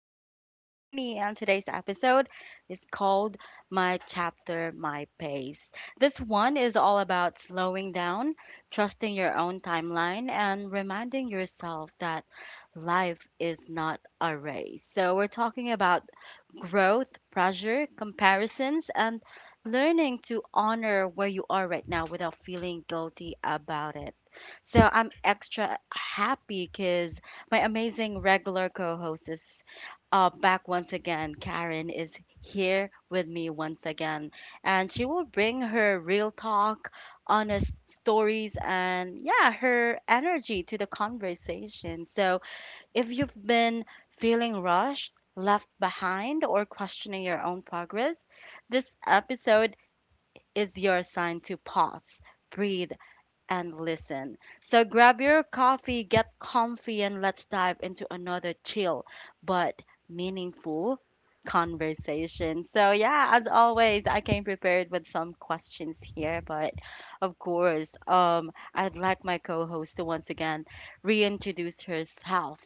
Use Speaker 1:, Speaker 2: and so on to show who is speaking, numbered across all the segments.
Speaker 1: It's your girl Queenie, and today's episode is called My Chapter, My Pace. This one is all about slowing down, trusting your own timeline, and reminding yourself that life is not a race. So we're talking about growth, pressure, comparisons, and learning to honor where you are right now without feeling guilty about it. So I'm extra happy because my amazing regular co host is back once again. Karen is here with me once again, and she will bring her real talk, honest stories, and yeah, her energy to the conversation. So if you've been feeling rushed, left behind, or questioning your own progress, this episode is your sign to pause, breathe, and listen. So grab your coffee, get comfy, and let's dive into another chill but meaningful conversation. So yeah, as always, I came prepared with some questions here, but of course, I'd like my co host to once again reintroduce herself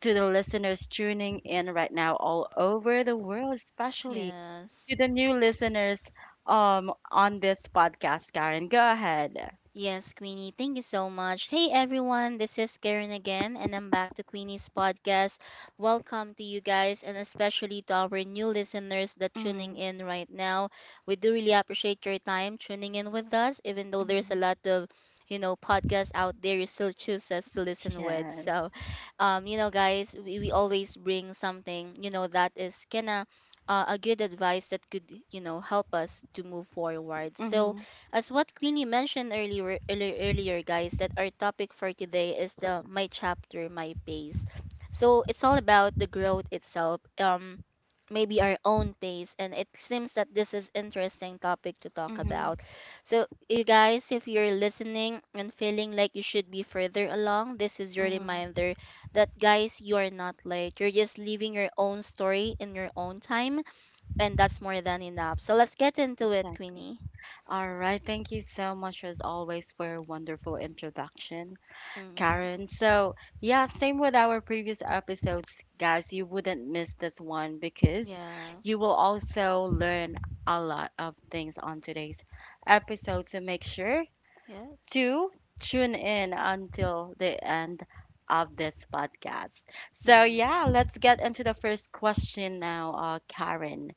Speaker 1: to the listeners tuning in right now all over the world, especially
Speaker 2: Yes.
Speaker 1: to the new listeners on this podcast, Karen. Go ahead.
Speaker 2: Yes, Queenie. Thank you so much. Hey, everyone. This is Karen again, and I'm back to Queenie's podcast. Welcome to you guys, and especially to our new listeners that tuning
Speaker 1: Mm,
Speaker 2: in right now. We do really appreciate your time tuning in with us, even though there's a
Speaker 1: mm,
Speaker 2: lot of podcasts out there you still choose us to listen with so
Speaker 1: yes.
Speaker 2: guys we always bring something that is kinda a good advice that could help us to move forward. So
Speaker 1: Mm-hmm,
Speaker 2: as what Queenie mentioned earlier, guys, that our topic for today is the my chapter, my pace. So it's all about the growth itself, maybe our own pace, and it seems that this is interesting topic to talk
Speaker 1: mm-hmm,
Speaker 2: about. So you guys, if you're listening and feeling like you should be further along, this is your
Speaker 1: mm-hmm.
Speaker 2: reminder that guys, you are not late. You're just living your own story in your own time, and that's more than enough. So let's get into it,
Speaker 1: Exactly.
Speaker 2: Queenie.
Speaker 1: All right. Thank you so much, as always, for your wonderful introduction,
Speaker 2: Mm.
Speaker 1: Karen. So yeah, same with our previous episodes, guys. You wouldn't miss this one because
Speaker 2: Yeah.
Speaker 1: you will also learn a lot of things on today's episode. So make sure
Speaker 2: Yes.
Speaker 1: to tune in until the end of this podcast. So yeah,
Speaker 2: Hmm.
Speaker 1: let's get into the first question now, Karen.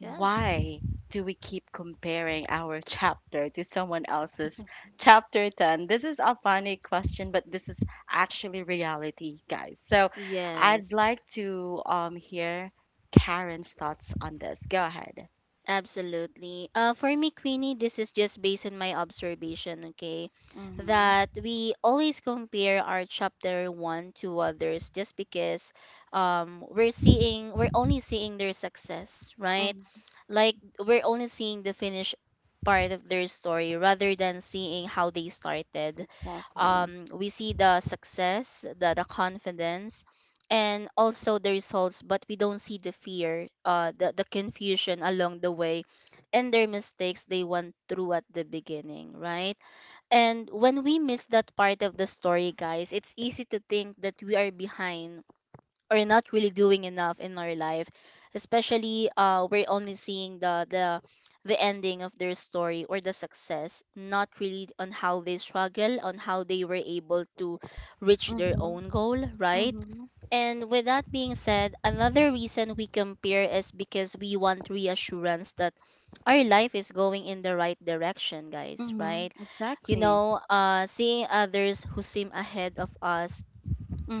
Speaker 2: Yes.
Speaker 1: do we keep comparing our chapter to someone else's chapter 10? This is a funny question, but this is actually reality, guys. So I'd
Speaker 2: Yes.
Speaker 1: like to hear Karen's thoughts on this. Go ahead.
Speaker 2: Absolutely. For me, Queenie, this is just based on my observation, okay?
Speaker 1: Mm-hmm.
Speaker 2: That we always compare our chapter one to others just because we're only seeing their success, right? Like we're only seeing the finished part of their story rather than seeing how they started.
Speaker 1: Exactly.
Speaker 2: We see the success, the confidence, and also the results, but we don't see the fear, the confusion along the way, and their mistakes they went through at the beginning, right? And when we miss that part of the story, guys, it's easy to think that we are behind or not really doing enough in our life, especially we're only seeing the ending of their story or the success, not really on how they struggle, on how they were able to reach their
Speaker 1: Mm-hmm.
Speaker 2: own goal, right?
Speaker 1: Mm-hmm.
Speaker 2: And with that being said, another reason we compare is because we want reassurance that our life is going in the right direction, guys,
Speaker 1: Mhm.
Speaker 2: right?
Speaker 1: Exactly.
Speaker 2: Seeing others who seem ahead of us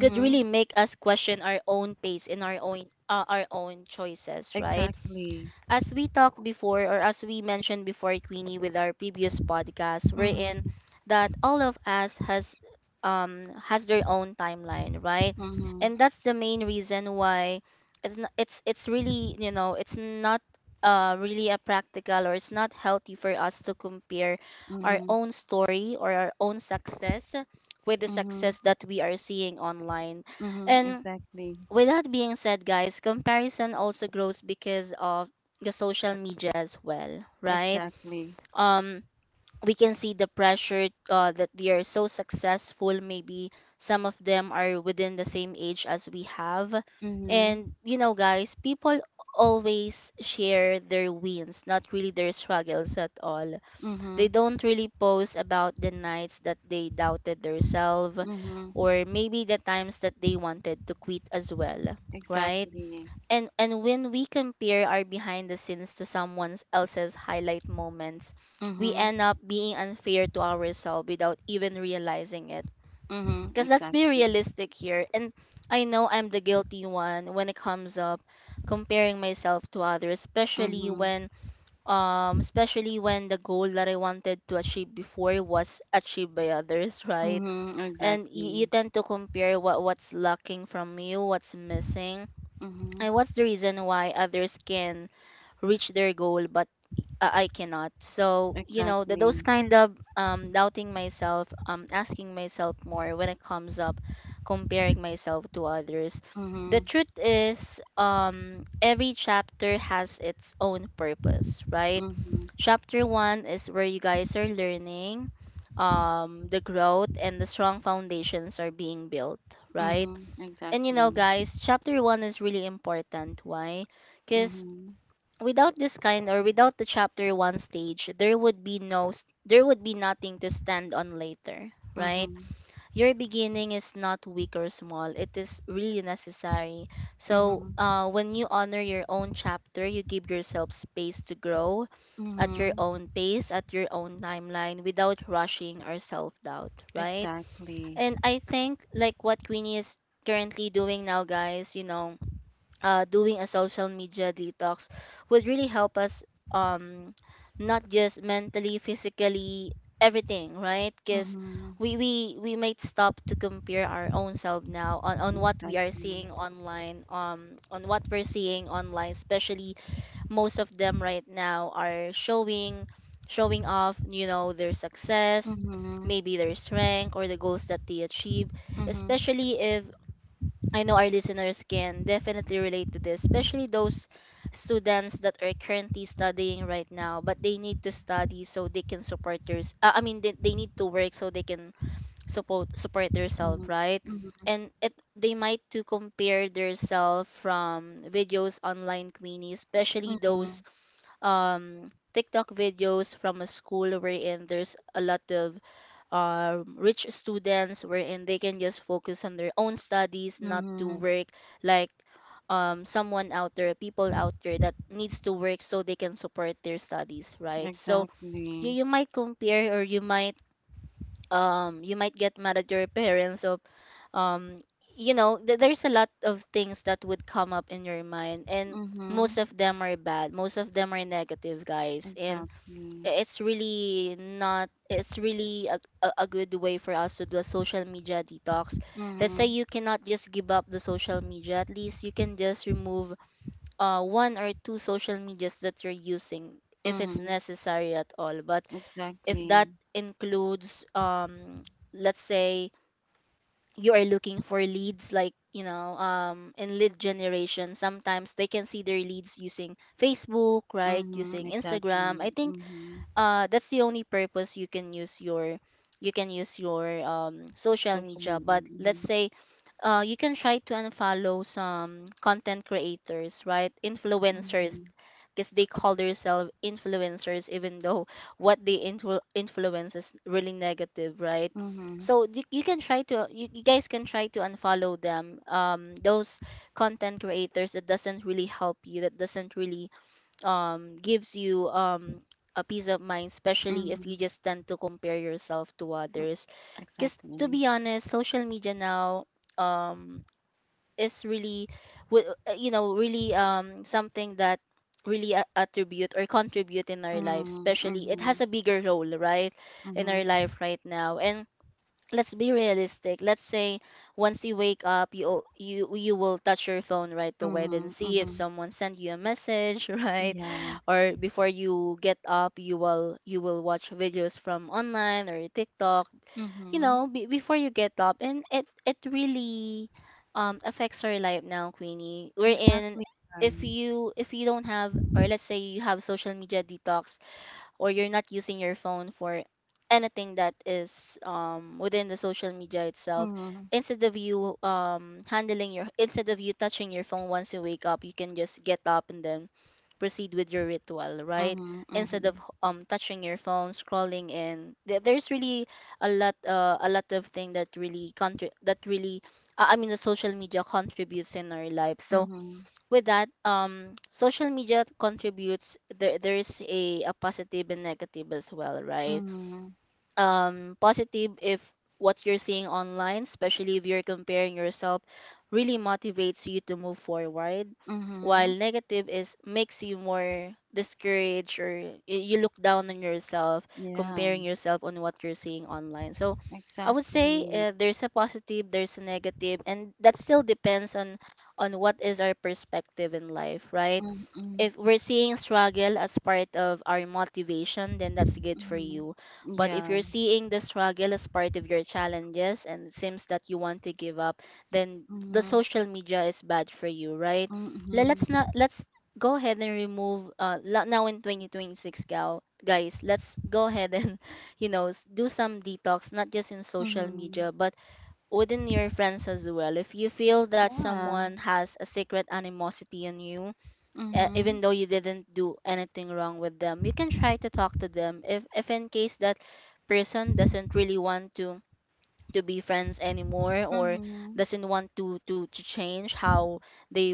Speaker 2: could really make us question our own pace and our own choices, right?
Speaker 1: Exactly.
Speaker 2: As we talked before, or as we mentioned before, Queenie, with our previous podcast, we're in
Speaker 1: Mhm.
Speaker 2: that all of us has their own timeline, right?
Speaker 1: Mhm.
Speaker 2: And that's the main reason why it's really it's not really a practical, or it's not healthy for us to compare our
Speaker 1: Mhm.
Speaker 2: own story or our own success with the
Speaker 1: Mhm.
Speaker 2: success that we are seeing online.
Speaker 1: Mhm.
Speaker 2: And
Speaker 1: Exactly.
Speaker 2: with that being said, guys, comparison also grows because of the social media as well, right?
Speaker 1: Exactly.
Speaker 2: um we can see the pressure, that they are so successful, maybe some of them are within the same age as we have. And
Speaker 1: Mhm.
Speaker 2: you know guys, people always share their wins, not really their struggles at all. They
Speaker 1: Mhm.
Speaker 2: don't really post about the nights that they doubted themselves,
Speaker 1: Mhm.
Speaker 2: or maybe the times that they wanted to quit as well, right?
Speaker 1: Exactly.
Speaker 2: And when we compare our behind the scenes to someone else's highlight moments, we
Speaker 1: Mhm.
Speaker 2: end up being unfair to ourselves without even realizing it.
Speaker 1: Mhm.
Speaker 2: Because let's be
Speaker 1: Exactly.
Speaker 2: realistic here. And I know I'm the guilty one when it comes up comparing myself to others, especially
Speaker 1: Mhm.
Speaker 2: when the goal that I wanted to achieve before was achieved by others, right?
Speaker 1: Mhm.
Speaker 2: And you
Speaker 1: Exactly.
Speaker 2: tend to compare what's lacking from you, what's missing,
Speaker 1: Mhm.
Speaker 2: and what's the reason why others can reach their goal, but I cannot. So you know those
Speaker 1: Exactly.
Speaker 2: kind of doubting myself, asking myself more when it comes up, comparing myself to others. The
Speaker 1: Mhm.
Speaker 2: truth is, every chapter has its own purpose, right?
Speaker 1: Mhm.
Speaker 2: Chapter one is where you guys are learning, the growth and the strong foundations are being built, right?
Speaker 1: Mhm.
Speaker 2: And you know,
Speaker 1: Exactly.
Speaker 2: guys, chapter one is really important. Why? Because
Speaker 1: Mhm.
Speaker 2: without this kind, or without the chapter 1 stage, there would be no there would be nothing to stand on later, right?
Speaker 1: Mhm.
Speaker 2: Your beginning is not weak or small, it is really necessary. So
Speaker 1: Mhm.
Speaker 2: when you honor your own chapter, you give yourself space to grow at your
Speaker 1: Mhm.
Speaker 2: own pace, at your own timeline, without rushing or self-doubt, right?
Speaker 1: Exactly.
Speaker 2: And I think, like what Queenie is currently doing now guys, you know, doing a social media detox would really help us, um not just mentally, physically, everything, right? Because
Speaker 1: Mhm.
Speaker 2: we might stop to compare our own self now on, what we are
Speaker 1: Exactly.
Speaker 2: seeing online, on what we're seeing online, especially most of them right now are showing, showing off, you know, their success,
Speaker 1: Mhm.
Speaker 2: maybe their strength or the goals that they achieve,
Speaker 1: Mhm,
Speaker 2: especially if I know our listeners can definitely relate to this, especially those students that are currently studying right now, but they need to study so they can support their. They need to work so they can support themselves,
Speaker 1: mhm,
Speaker 2: right?
Speaker 1: mhm,
Speaker 2: And it they might to compare themselves from videos online, Queenie, especially those
Speaker 1: mhm,
Speaker 2: um TikTok videos from a school wherein there's a lot of rich students wherein they can just focus on their own studies, not to
Speaker 1: mhm,
Speaker 2: work like people out there that needs to work so they can support their studies, right? So you,
Speaker 1: exactly.
Speaker 2: you might compare, or you might get mad at your parents of um you know there's a lot of things that would come up in your mind, and most
Speaker 1: Mhm,
Speaker 2: of them are bad, most of them are negative guys. And
Speaker 1: exactly.
Speaker 2: it's really not, it's really a good way for us to do a social media detox. Let's say
Speaker 1: Mhm,
Speaker 2: you cannot just give up the social media, at least you can just remove one or two social medias that you're using if it's
Speaker 1: mhm,
Speaker 2: necessary at all. But if that
Speaker 1: exactly.
Speaker 2: includes let's say you are looking for leads, like you know, in lead generation, sometimes they can see their leads using Facebook, right,
Speaker 1: Mhm,
Speaker 2: using
Speaker 1: exactly.
Speaker 2: Instagram, I think
Speaker 1: Mhm,
Speaker 2: that's the only purpose. You can use your social
Speaker 1: social
Speaker 2: media.
Speaker 1: media.
Speaker 2: But let's
Speaker 1: Mhm,
Speaker 2: say you can try to unfollow some content creators, right, influencers,
Speaker 1: mhm,
Speaker 2: because they call themselves influencers even though what they influence is really negative, right?
Speaker 1: mhm,
Speaker 2: So you can try to you guys can try to unfollow them, those content creators that doesn't really help you, that doesn't really gives you a peace of mind, especially if you
Speaker 1: mhm,
Speaker 2: just tend to compare yourself to
Speaker 1: mm,
Speaker 2: others. Because to
Speaker 1: exactly.
Speaker 2: be honest, social media now um is really you know, really something that really attribute or contribute in our life,
Speaker 1: Mhm,
Speaker 2: especially it has
Speaker 1: mhm,
Speaker 2: a bigger role, right, in our
Speaker 1: mhm,
Speaker 2: life right now. And let's be realistic. Let's say once you wake up, you will touch your phone right away, then
Speaker 1: mhm,
Speaker 2: see if
Speaker 1: mhm.
Speaker 2: someone sent you a message, right?
Speaker 1: Yeah.
Speaker 2: Or before you get up, you will watch videos from online or TikTok, you
Speaker 1: Mhm,
Speaker 2: know, before you get up, and it really affects our life now, Queenie. We're in
Speaker 1: exactly. Right.
Speaker 2: if you don't have, or let's say you have social media detox, or you're not using your phone for anything that is within the social media itself,
Speaker 1: Mhm,
Speaker 2: instead of you handling your instead of you touching your phone once you wake up, you can just get up and then proceed with your ritual, right,
Speaker 1: mhm, mhm,
Speaker 2: instead of touching your phone scrolling. And there's really a lot, a lot of thing that really that really the social media contributes in our life. So
Speaker 1: mhm,
Speaker 2: with that, social media contributes, there is a positive and negative as well, right?
Speaker 1: mhm,
Speaker 2: Positive if what you're seeing online, especially if you're comparing yourself, really motivates you to move forward.
Speaker 1: mhm.
Speaker 2: While negative is makes you more discouraged, or you look down on yourself,
Speaker 1: Yeah.
Speaker 2: comparing yourself on what you're seeing online. So I would say
Speaker 1: Exactly.
Speaker 2: there's a positive, there's a negative, and that still depends on what is our perspective in life, right?
Speaker 1: Mm-mm.
Speaker 2: If we're seeing struggle as part of our motivation, then that's good for
Speaker 1: Mhm.
Speaker 2: you. But if
Speaker 1: Yeah.
Speaker 2: you're seeing the struggle as part of your challenges and it seems that you want to give up, then the
Speaker 1: Mhm.
Speaker 2: social media is bad for you, right? Le-
Speaker 1: Mhm.
Speaker 2: Let's not let's go ahead and remove now in 2026, gal guys, let's go ahead and do some detox, not just in social
Speaker 1: Mhm.
Speaker 2: media but within your friends as well. If you feel that
Speaker 1: Yeah.
Speaker 2: someone has a secret animosity on you, even
Speaker 1: Mhm.
Speaker 2: though you didn't do anything wrong with them, you can try to talk to them. If in case that person doesn't really want to be friends anymore, or
Speaker 1: Mhm.
Speaker 2: doesn't want to change how they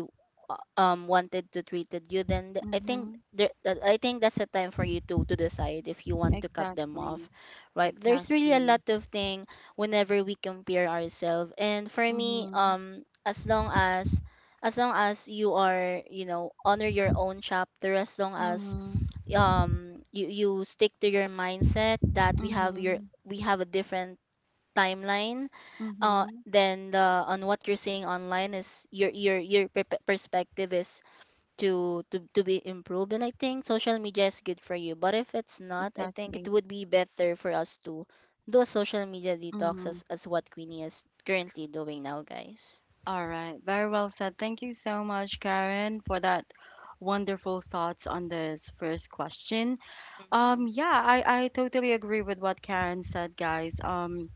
Speaker 2: wanted to treated you, then
Speaker 1: Mhm.
Speaker 2: I think that's the time for you to decide if you want to cut them
Speaker 1: Exactly.
Speaker 2: off, right? There's really a
Speaker 1: Exactly.
Speaker 2: lot of thing whenever we compare ourselves. And for me,
Speaker 1: Mhm.
Speaker 2: as long as you are, honor your own chapter. As long as
Speaker 1: Mhm.
Speaker 2: you stick to your mindset that
Speaker 1: Mhm.
Speaker 2: we have a different timeline,
Speaker 1: Mhm.
Speaker 2: then the on what you're seeing online, is your perspective is to be improved, and I think social media is good for you. But if it's not, I think it
Speaker 1: Exactly.
Speaker 2: would be better for us to do a social media detox,
Speaker 1: Mhm.
Speaker 2: as what Queenie is currently doing now, guys.
Speaker 1: All right. Very well said. Thank you so much, Karen, for that wonderful thoughts on this first question.
Speaker 2: Mm.
Speaker 1: Yeah, I totally agree with what Karen said, guys. Um,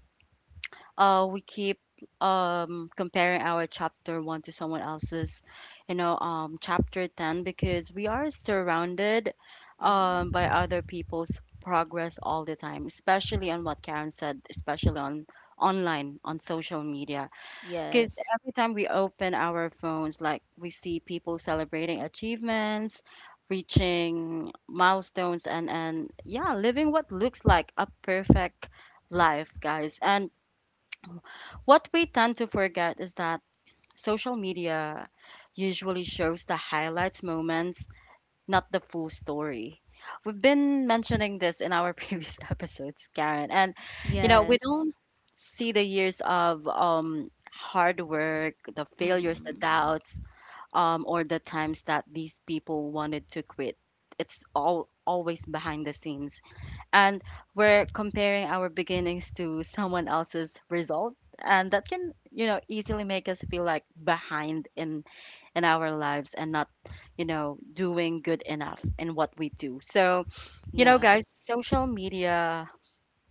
Speaker 1: uh We keep comparing our chapter 1 to someone else's chapter 10, because we are surrounded
Speaker 2: Mm.
Speaker 1: by other people's progress all the time, especially on what Karen said, especially on online, on social media, because
Speaker 2: Yes.
Speaker 1: every time we open our phones, like, we see people celebrating achievements, reaching milestones, and yeah, living what looks like a perfect life, guys. And what we tend to forget is that social media usually shows the highlights moments, not the full story. We've been mentioning this in our previous episodes, Karen, and you know, we
Speaker 2: Yes.
Speaker 1: don't see the years of hard work, the failures, the
Speaker 2: Mm.
Speaker 1: doubts, or the times that these people wanted to quit. It's all always behind the scenes, and we're comparing our beginnings to someone else's result, and that can, you know, easily make us feel like behind in our lives and not, you know, doing good enough in what we do. So you know
Speaker 2: Yeah.
Speaker 1: guys, social media,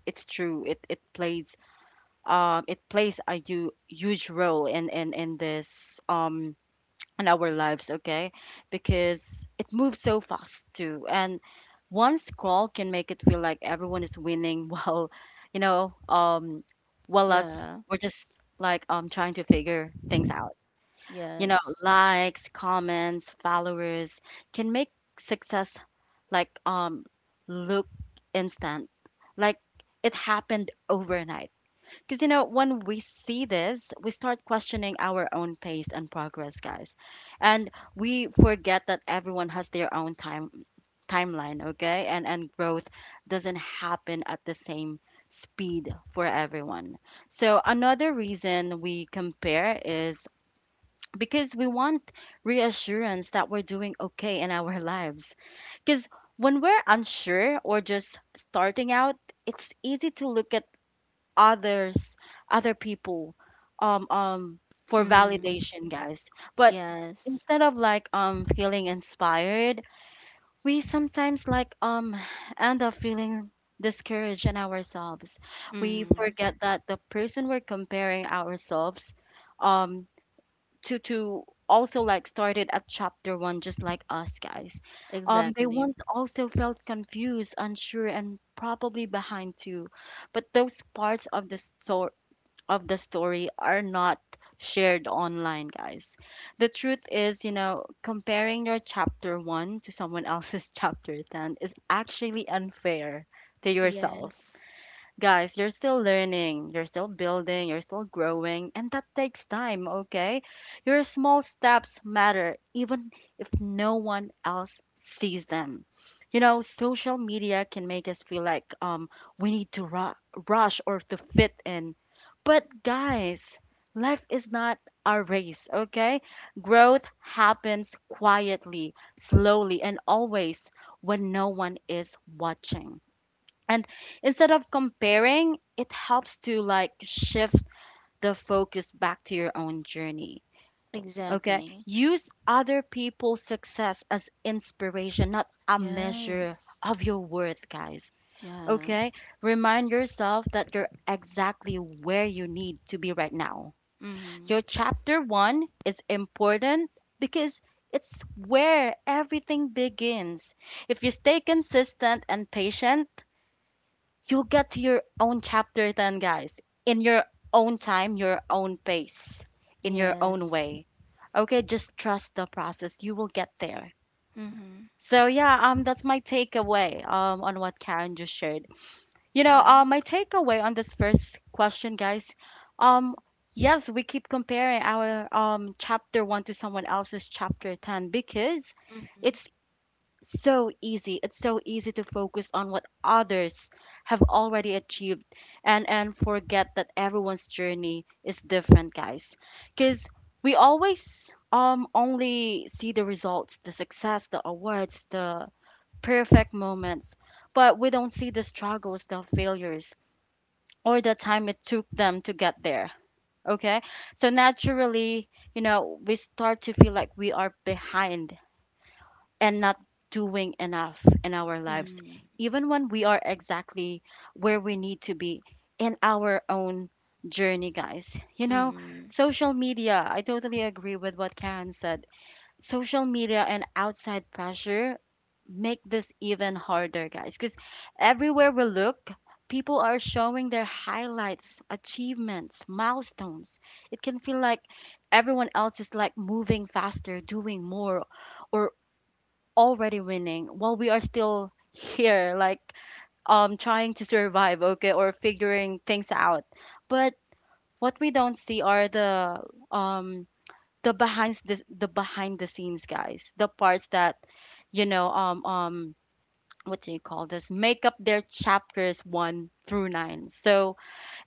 Speaker 1: it's true, it it plays a huge role in in this in our lives, okay? Because it moves so fast too. And one scroll can make it feel like everyone is winning while, you know, um, while us,
Speaker 2: Yeah.
Speaker 1: we're just like trying to figure things out. You know,
Speaker 2: Yes.
Speaker 1: likes, comments, followers can make success like look instant, like it happened overnight. Because, you know, when we see this, we start questioning our own pace and progress, guys. And we forget that everyone has their own timeline, okay? And growth doesn't happen at the same speed for everyone. So another reason we compare is because we want reassurance that we're doing okay in our lives. Because when we're unsure or just starting out, it's easy to look at others other people um um for
Speaker 2: Mm.
Speaker 1: validation, guys. But
Speaker 2: Yes.
Speaker 1: instead of like feeling inspired, we sometimes like end up feeling discouraged in ourselves. We
Speaker 2: Mm.
Speaker 1: forget that the person we're comparing ourselves um to also like started at chapter one, just like us, guys. They
Speaker 2: Exactly.
Speaker 1: once also felt confused, unsure, and probably behind too, but those parts of the story are not shared online, guys. The truth is, you know, comparing your chapter 1 to someone else's chapter 10 is actually unfair to
Speaker 2: Y-
Speaker 1: yourself. Guys, you're still learning, you're still building, you're still growing, and that takes time, okay? Your small steps matter even if no one else sees them. You know, social media can make us feel like we need to rush or to fit in. But guys, life is not a race, okay? Growth happens quietly, slowly, and always when no one is watching. And instead of comparing, it helps to like shift the focus back to your own journey, okay?
Speaker 2: exactly.
Speaker 1: Use other people's success as inspiration, not a measure
Speaker 2: Yes.
Speaker 1: of your worth, guys,
Speaker 2: Yeah.
Speaker 1: okay? Remind yourself that you're exactly where you need to be right now.
Speaker 2: Mhm.
Speaker 1: Your chapter 1 is important because it's where everything begins. If you stay consistent and patient, you get to your own chapter then, guys, in your own time, your own pace, in your own
Speaker 2: Yes.
Speaker 1: way, okay? Just trust the process, you will get there.
Speaker 2: Mhm.
Speaker 1: So yeah, that's my takeaway on what Karen just shared. You know,
Speaker 2: Yeah.
Speaker 1: my takeaway on this first question, guys. um yes, we keep comparing our chapter 1 to someone else's chapter 10 because
Speaker 2: Mhm.
Speaker 1: it's so easy. It's so easy to focus on what others have already achieved and forget that everyone's journey is different, guys. Cuz we always only see the results, the success, the awards, the perfect moments, but we don't see the struggles, the failures, or the time it took them to get there. Okay? So naturally, you know, we start to feel like we are behind and not doing enough in our lives,
Speaker 2: Mhm.
Speaker 1: even when we are exactly where we need to be in our own journey, guys. You know,
Speaker 2: Mhm.
Speaker 1: social media, I totally agree with what Karen said. Social media and outside pressure make this even harder, guys, because everywhere we look, people are showing their highlights, achievements, milestones. It can feel like everyone else is like moving faster, doing more, or already winning, while we are still here like trying to survive, okay, or figuring things out. But what we don't see are um the behind the behind the scenes, guys, the parts that, you know, what do you call this, make up their chapters 1 through 9. So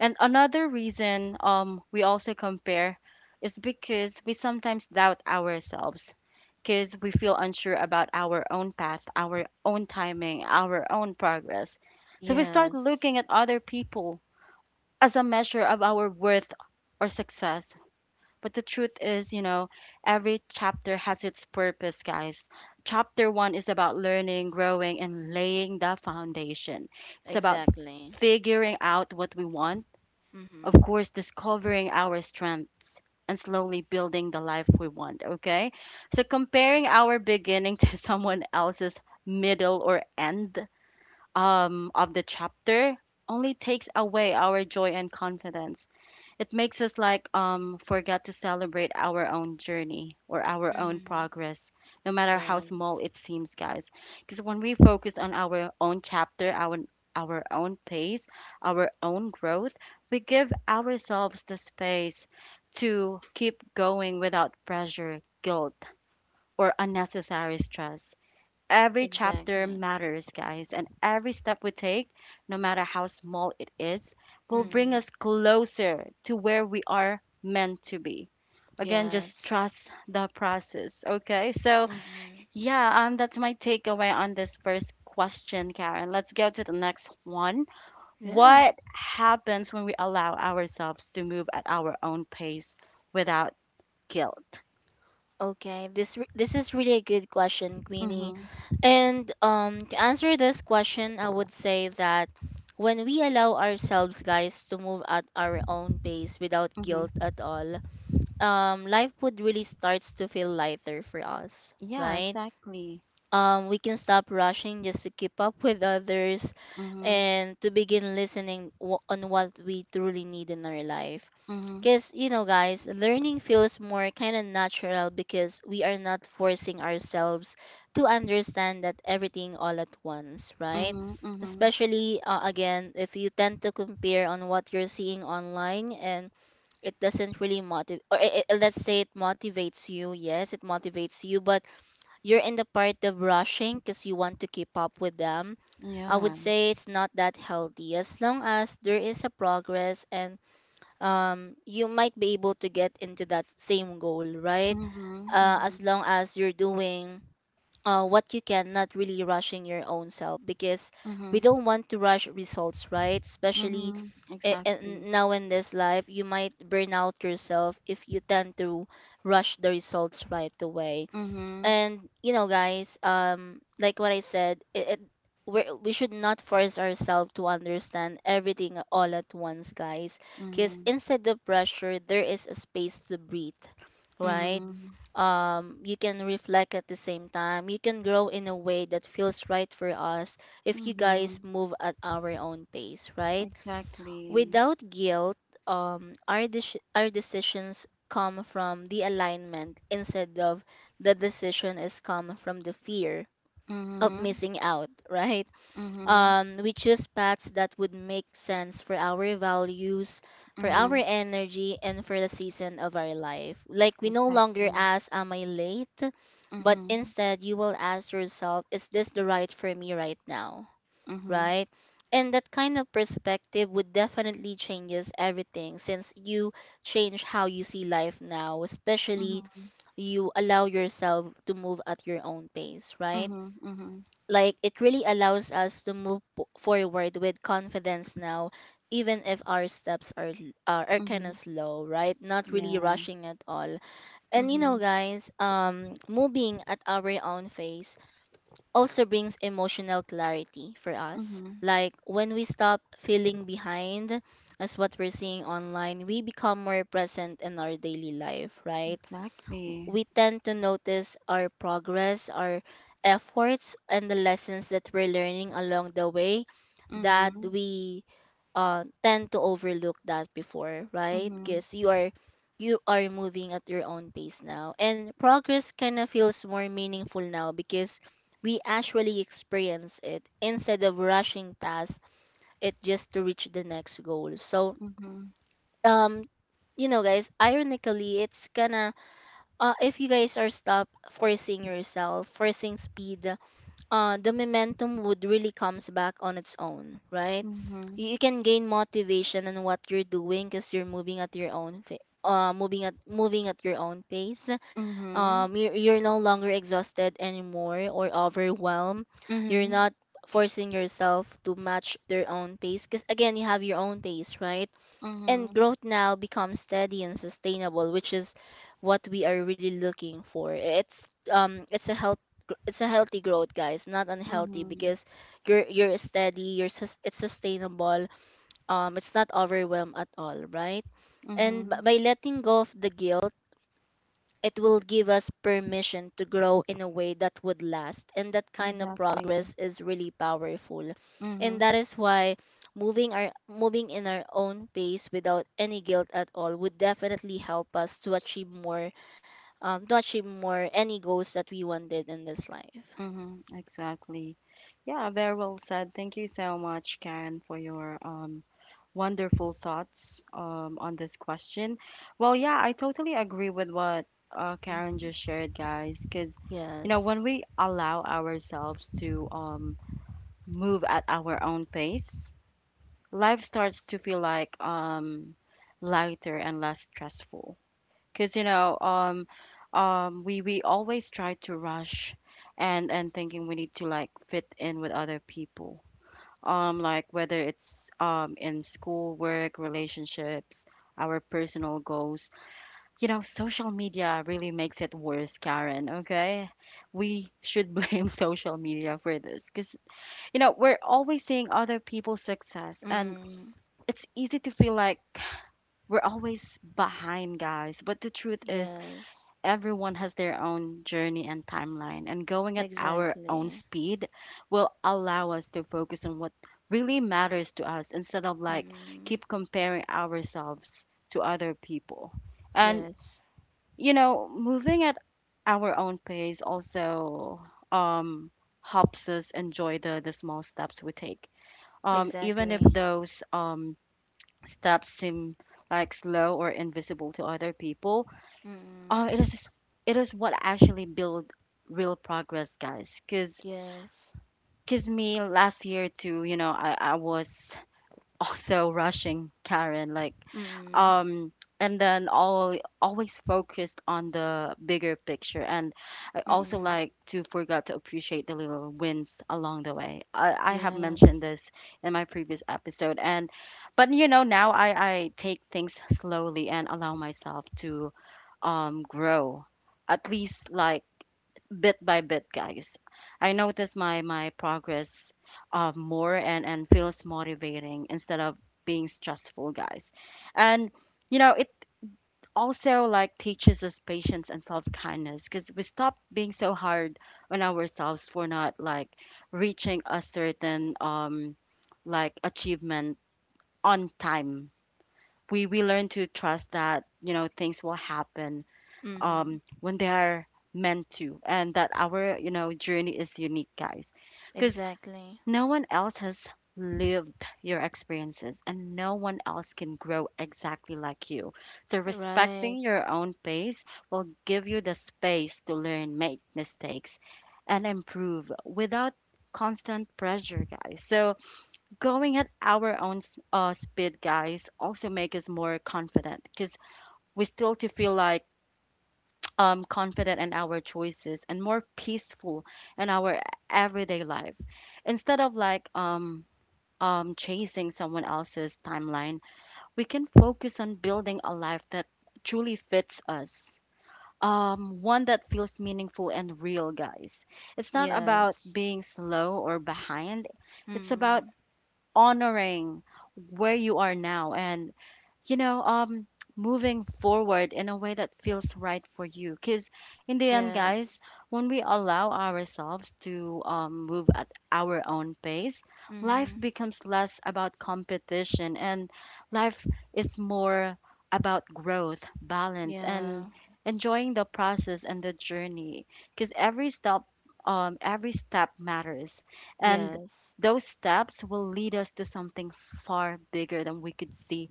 Speaker 1: and another reason we also compare is because we sometimes doubt ourselves, because we feel unsure about our own path, our own timing, our own progress. So we start
Speaker 2: Yes.
Speaker 1: looking at other people as a measure of our worth or success. But the truth is, you know, every chapter has its purpose, guys. Chapter one is about learning, growing, and laying the foundation. It's about
Speaker 2: Exactly.
Speaker 1: figuring out what we want, of
Speaker 2: Mhm.
Speaker 1: course, discovering our strengths, and slowly building the life we want, okay? So comparing our beginning to someone else's middle or end of the chapter only takes away our joy and confidence. It makes us like forget to celebrate our own journey or our own
Speaker 2: Mhm.
Speaker 1: progress, no matter how small
Speaker 2: Yes.
Speaker 1: it seems, guys. Because when we focus on our own chapter, our own pace, our own growth, we give ourselves the space to keep going without pressure, guilt, or unnecessary stress. Every chapter
Speaker 2: Exactly.
Speaker 1: matters, guys, and every step we take, no matter how small it is, will bring
Speaker 2: Mhm.
Speaker 1: us closer to where we are meant to be. Again, just
Speaker 2: Yes.
Speaker 1: trust the process, okay? So
Speaker 2: Mhm.
Speaker 1: yeah, that's my takeaway on this first question, Karen. Let's go to the next one.
Speaker 2: Yes.
Speaker 1: What happens when we allow ourselves to move at our own pace without guilt?
Speaker 2: Okay, this is really a good question, Queenie.
Speaker 1: Mm-hmm,
Speaker 2: And to answer this question, I would say that when we allow ourselves, guys, to move at our own pace without guilt
Speaker 1: mm-hmm.
Speaker 2: at all, life would really starts to feel lighter for us,
Speaker 1: Yeah,
Speaker 2: right?
Speaker 1: exactly.
Speaker 2: We can stop rushing just to keep up with others
Speaker 1: Mm-hmm,
Speaker 2: and to begin listening, on what we truly need in our life.
Speaker 1: mm-hmm.
Speaker 2: Because, guys, learning feels more kind of natural because we are not forcing ourselves to understand that everything all at once, right?
Speaker 1: Mhm, mhm.
Speaker 2: Especially, again, if you tend to compare on what you're seeing online and it doesn't really motivate. Or let's say it motivates you, yes it motivates you, but you're in the part of rushing because you want to keep up with them. I would
Speaker 1: Yeah.
Speaker 2: say it's not that healthy. As long as there is a progress, and you might be able to get into that same goal, right?
Speaker 1: Mhm,
Speaker 2: As
Speaker 1: mhm.
Speaker 2: long as you're doing what you can, not really rushing your own self, because we
Speaker 1: Mhm,
Speaker 2: don't want to rush results, right? Especially
Speaker 1: mhm. Exactly.
Speaker 2: in, now in this life, you might burn out yourself if you tend to rush the results right away.
Speaker 1: Mhm,
Speaker 2: And guys, like what I said, it we should not force ourselves to understand everything all at once, guys. Because
Speaker 1: mhm.
Speaker 2: instead of pressure there is a space to breathe, right?
Speaker 1: Mhm,
Speaker 2: You can reflect. At the same time you can grow in a way that feels right for us if you guys
Speaker 1: mhm.
Speaker 2: move at our own pace, right?
Speaker 1: Exactly.
Speaker 2: Without guilt, our decisions come from the alignment, instead of the decision is come from the fear of
Speaker 1: Mhm,
Speaker 2: missing out, right?
Speaker 1: mhm.
Speaker 2: We choose paths that would make sense for our values, for our
Speaker 1: Mhm.
Speaker 2: energy, and for the season of our life. Like we no longer
Speaker 1: Exactly.
Speaker 2: ask, "Am I late?" But
Speaker 1: Mhm,
Speaker 2: instead, you will ask yourself, "Is this the right for me right now?"
Speaker 1: mhm.
Speaker 2: Right? And that kind of perspective would definitely changes everything, since you change how you see life now, especially
Speaker 1: Mhm,
Speaker 2: you allow yourself to move at your own pace, right?
Speaker 1: mhm. Mhm,
Speaker 2: Like it really allows us to move forward with confidence now, even if our steps are are kind
Speaker 1: mhm.
Speaker 2: of slow, right? Not really
Speaker 1: Yeah.
Speaker 2: rushing at all. And
Speaker 1: Mhm,
Speaker 2: guys, moving at our own pace also brings emotional clarity for us.
Speaker 1: mhm.
Speaker 2: Like when we stop feeling behind, as what we're seeing online, we become more present in our daily life, right?
Speaker 1: Exactly.
Speaker 2: We tend to notice our progress, our efforts, and the lessons that we're learning along the way, that
Speaker 1: Mhm,
Speaker 2: we tend to overlook that before, right?
Speaker 1: mhm.
Speaker 2: Because you are moving at your own pace now, and progress kind of feels more meaningful now because we actually experience it instead of rushing past it just to reach the next goal. So,
Speaker 1: Mhm,
Speaker 2: um, guys, ironically, it's kind of, if you guys are stop forcing yourself, forcing speed, the momentum would really comes back on its own, right?
Speaker 1: mhm.
Speaker 2: You can gain motivation on what you're doing because you're moving at your own moving at your own pace.
Speaker 1: Mhm,
Speaker 2: You're no longer exhausted anymore or overwhelmed.
Speaker 1: mhm.
Speaker 2: You're
Speaker 1: Mhm,
Speaker 2: not forcing yourself to match their own pace, because again you have your own pace, right? And growth now becomes steady and sustainable, which is what we are really looking for. It's a healthy growth, guys, not unhealthy,
Speaker 1: mhm.
Speaker 2: because you're steady, it's sustainable. It's not overwhelmed at all, right? And
Speaker 1: Mhm.
Speaker 2: by letting go of the guilt, it will give us permission to grow in a way that would last, and that kind of
Speaker 1: Exactly.
Speaker 2: progress is really powerful. And
Speaker 1: Mm-hmm,
Speaker 2: that is why moving in our own pace without any guilt at all would definitely help us to achieve more, to achieve more any goals that we wanted in this life.
Speaker 1: mm-hmm, exactly. Yeah, very well said. Thank you so much, Karen, for your wonderful thoughts on this question. Well, yeah, I totally agree with what Karen
Speaker 2: Hmm.
Speaker 1: just shared, guys, because you know,
Speaker 2: Yes.
Speaker 1: when we allow ourselves to move at our own pace, life starts to feel like lighter and less stressful. Because you know we always try to rush and thinking we need to like fit in with other people, like whether it's in school, work, relationships, our personal goals. You know, social media really makes it worse, Karen. Okay, we should blame social media for this because you know we're always seeing other people's success, and
Speaker 2: Mm.
Speaker 1: it's easy to feel like we're always behind, guys. But the truth is
Speaker 2: Yes.
Speaker 1: everyone has their own journey and timeline, and going at our own
Speaker 2: Exactly.
Speaker 1: speed will allow us to focus on what really matters to us instead of like
Speaker 2: Mm.
Speaker 1: keep comparing ourselves to other people. And
Speaker 2: Yes.
Speaker 1: you know, moving at our own pace also um helps us enjoy the small steps we take. Even if
Speaker 2: Exactly.
Speaker 1: those steps seem like slow or invisible to other people,
Speaker 2: Mm-mm.
Speaker 1: uh, it is it is what actually build real progress, guys. 'Cause me last year too, you know, I was also rushing, Karen, like
Speaker 2: Mm.
Speaker 1: um, and then all always focused on the bigger picture, and I also
Speaker 2: Mm.
Speaker 1: like to forgot to appreciate the little wins along the way. I have mentioned
Speaker 2: Yes.
Speaker 1: this in my previous episode, and but you know now I take things slowly and allow myself to grow at least like bit by bit, guys. I notice my progress, more, and feels motivating instead of being stressful, guys. And you know it also like teaches us patience and self-kindness because we stop being so hard on ourselves for not like reaching a certain like achievement on time. We learn to trust that you know things will happen
Speaker 2: Mm-hmm.
Speaker 1: when they are meant to, and that our, you know, journey is unique, guys, because
Speaker 2: Exactly.
Speaker 1: no one else has lived your experiences, and no one else can grow exactly like you. So respecting
Speaker 2: Right.
Speaker 1: your own pace will give you the space to learn, make mistakes, and improve without constant pressure, guys. So going at our own speed, guys, also make us more confident because we still to feel like confident in our choices and more peaceful in our everyday life. Instead of like chasing someone else's timeline, we can focus on building a life that truly fits us. One that feels meaningful and real, guys. It's not about
Speaker 2: Yes.
Speaker 1: being slow or behind. It's about
Speaker 2: Mm-hmm.
Speaker 1: honoring where you are now and, you know, moving forward in a way that feels right for you. Because in the end,
Speaker 2: Yes.
Speaker 1: guys, when we allow ourselves to, move at our own pace, life
Speaker 2: Mm-hmm.
Speaker 1: becomes less about competition, and life is more about growth, balance, and
Speaker 2: Yeah.
Speaker 1: enjoying the process and the journey. Because every step matters. And
Speaker 2: Yes.
Speaker 1: those steps will lead us to something far bigger than we could see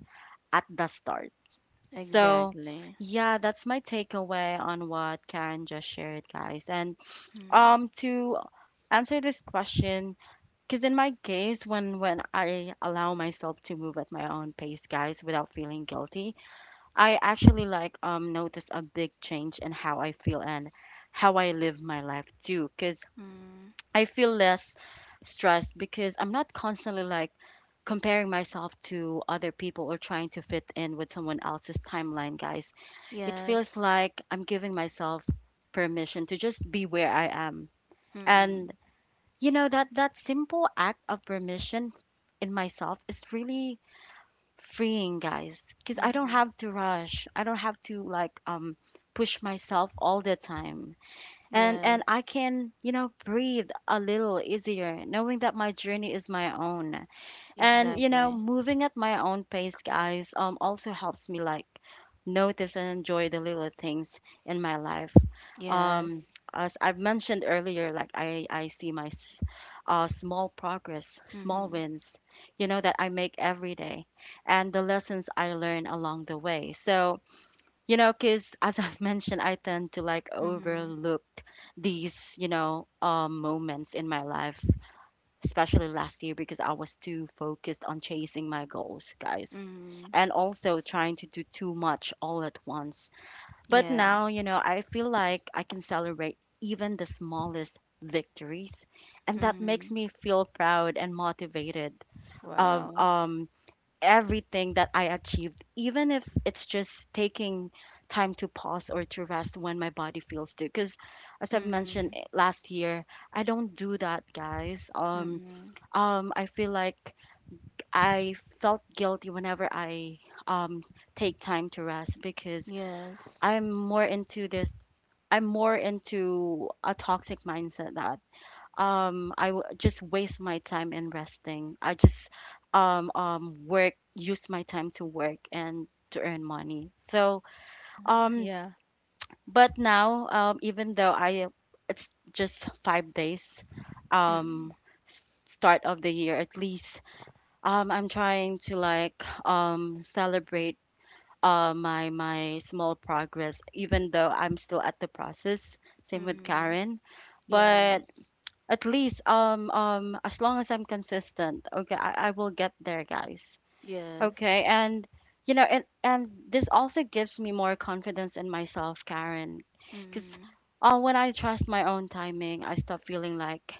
Speaker 1: at the start. So,
Speaker 2: Exactly.
Speaker 1: yeah, that's my takeaway on what Karen just shared, guys. And to answer this question, because in my case, when I allow myself to move at my own pace, guys, without feeling guilty, I actually like notice a big change in how I feel and how I live my life too. Because
Speaker 2: Mm-hmm.
Speaker 1: I feel less stressed because I'm not constantly like comparing myself to other people or trying to fit in with someone else's timeline, guys. It feels
Speaker 2: Yes.
Speaker 1: like I'm giving myself permission to just be where I am.
Speaker 2: Mm-hmm.
Speaker 1: And you know that simple act of permission in myself is really freeing, guys, cuz I don't
Speaker 2: Mm-hmm.
Speaker 1: have to rush. I don't have to like push myself all the time, and I
Speaker 2: Yes.
Speaker 1: can, you know, breathe a little easier knowing that my journey is my own. And you know,
Speaker 2: Exactly.
Speaker 1: moving at my own pace, guys, also helps me like notice and enjoy the little things in my life. Um
Speaker 2: Yes.
Speaker 1: as I've mentioned earlier, like I see my small progress, small
Speaker 2: Mm-hmm.
Speaker 1: wins, you know, that I make every day and the lessons I learn along the way. So, you know, because as I've mentioned, I tend to like
Speaker 2: Mm-hmm.
Speaker 1: overlook these, you know, moments in my life, especially last year because I was too focused on chasing my goals, guys,
Speaker 2: Mm-hmm.
Speaker 1: and also trying to do too much all at once. But now,
Speaker 2: Yes.
Speaker 1: you know, I feel like I can celebrate even the smallest victories, and that makes
Speaker 2: Mm-hmm.
Speaker 1: me feel proud and motivated of
Speaker 2: Wow.
Speaker 1: everything that I achieved, even if it's just taking time to pause or to rest when my body feels to. Because as I've
Speaker 2: Mm-hmm.
Speaker 1: mentioned last year, I don't do that, guys.
Speaker 2: Mm-hmm.
Speaker 1: I feel like I felt guilty whenever I um take time to rest because
Speaker 2: Yes.
Speaker 1: I'm more into this. I'm more into a toxic mindset that I just waste my time in resting. I just work, use my time to work and to earn money. So um
Speaker 2: Yeah.
Speaker 1: but now, even though I, it's just 5 days,
Speaker 2: Mm-hmm.
Speaker 1: um start of the year, at least I'm trying to like celebrate my small progress even though I'm still at the process, same with
Speaker 2: Mm-hmm.
Speaker 1: Karen.
Speaker 2: Yes.
Speaker 1: But at least, as long as I'm consistent, okay, I will get there, guys.
Speaker 2: Yes.
Speaker 1: Okay. And you know, and this also gives me more confidence in myself, Karen. Because
Speaker 2: Mm-hmm.
Speaker 1: when I trust my own timing, I stop feeling like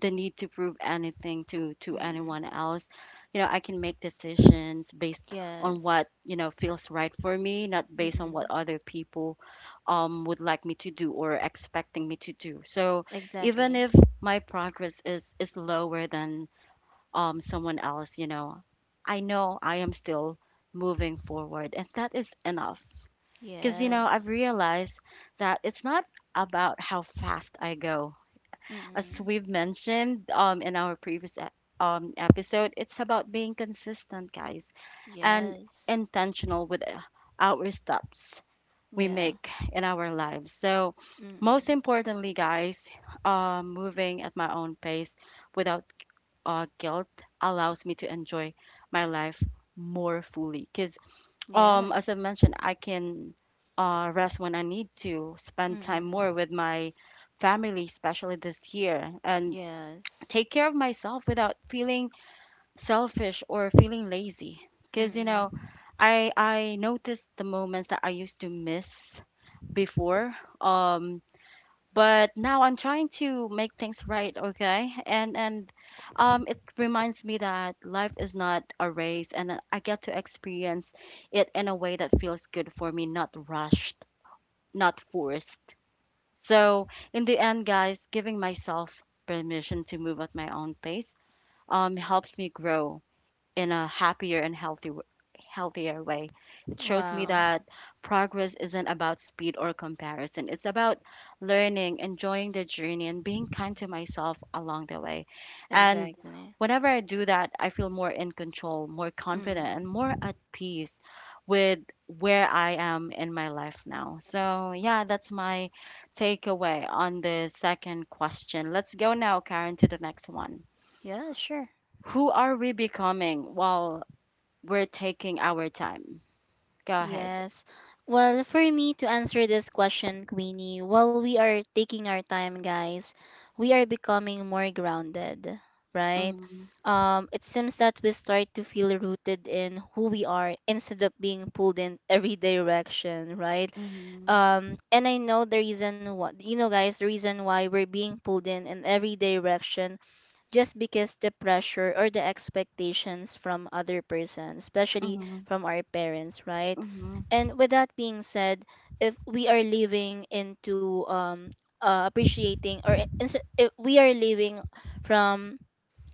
Speaker 1: the need to prove anything to
Speaker 2: Mm-hmm.
Speaker 1: anyone else. You know, I can make decisions based on
Speaker 2: Yes.
Speaker 1: what, you know, feels right for me, not based on what
Speaker 2: Mm-mm.
Speaker 1: other people would like me to do or expecting me to do. So even
Speaker 2: Exactly.
Speaker 1: if my progress is lower than someone else, you know, I know I am still moving forward, and that is enough. Because you know, I've
Speaker 2: Yes.
Speaker 1: realized that it's not about how fast I go. As
Speaker 2: Mm-mm.
Speaker 1: we've mentioned, in our previous episode, it's about being consistent, guys, and
Speaker 2: Yes.
Speaker 1: intentional with our steps we
Speaker 2: Yeah.
Speaker 1: make in our lives. So, most
Speaker 2: Mm-mm.
Speaker 1: importantly, guys, moving at my own pace without guilt allows me to enjoy my life more fully. Because,
Speaker 2: Yeah.
Speaker 1: as I mentioned, I can rest when I need to, spend time more
Speaker 2: Mm-mm.
Speaker 1: with my family, especially this year, and
Speaker 2: Yes.
Speaker 1: take care of myself without feeling selfish or feeling lazy. Because you know,
Speaker 2: Mm-mm.
Speaker 1: I noticed the moments that I used to miss before. um but now I'm trying to make things right, okay, and it reminds me that life is not a race and that I get to experience it in a way that feels good for me, not rushed, not forced. So in the end, guys, giving myself permission to move at my own pace, helps me grow in a happier and healthier way. It shows me
Speaker 2: Wow.
Speaker 1: that progress isn't about speed or comparison. It's about learning, enjoying the journey, and being kind to myself along the way. And
Speaker 2: Exactly.
Speaker 1: whenever I do that, I feel more in control, more confident, and more at
Speaker 2: Mm-mm.
Speaker 1: peace with where I am in my life now. So, yeah, that's my takeaway on the second question. Let's go now, Karen, to the next one.
Speaker 2: Yeah, sure.
Speaker 1: Who are we becoming while we're taking our time? Go ahead.
Speaker 2: Yes. Well, for me to answer this question, Queenie, while we are taking our time, guys, we are becoming more grounded, right?
Speaker 1: Mm-hmm.
Speaker 2: It seems that we start to feel rooted in who we are instead of being pulled in every direction, right?
Speaker 1: Mm-hmm.
Speaker 2: And I know the reason, what you know guys, the reason why we're being pulled in every direction, just because the pressure or the expectations from other persons, especially
Speaker 1: Mm-hmm.
Speaker 2: from our parents, right?
Speaker 1: Mm-hmm.
Speaker 2: And with that being said, if we are living into appreciating or I- ins- if we are living from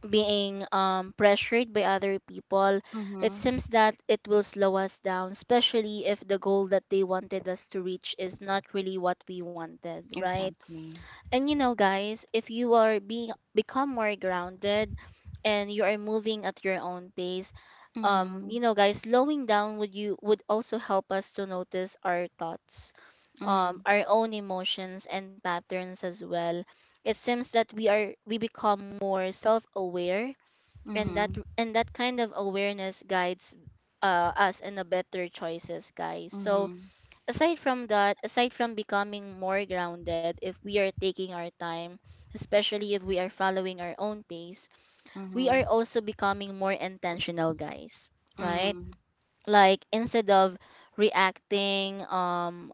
Speaker 2: being pressured by other people, it
Speaker 1: Mm-hmm.
Speaker 2: seems that it will slow us down, especially if the goal that they wanted us to reach is not really what we wanted, right?
Speaker 1: Exactly.
Speaker 2: And guys, if you are being become more grounded and you are moving at your own pace,
Speaker 1: Mm-hmm.
Speaker 2: guys, slowing down would you would also help us to notice our thoughts,
Speaker 1: Mm-hmm.
Speaker 2: our own emotions and patterns as well. It seems that we become more self-aware, and that
Speaker 1: Mm-hmm.
Speaker 2: and that kind of awareness guides us in a better choices, guys. So,
Speaker 1: Mm-hmm.
Speaker 2: aside from that, aside from becoming more grounded, if we are taking our time, especially if we are following our own pace, we are
Speaker 1: Mm-hmm.
Speaker 2: also becoming more intentional, guys, right?
Speaker 1: Mm-hmm.
Speaker 2: Like instead of reacting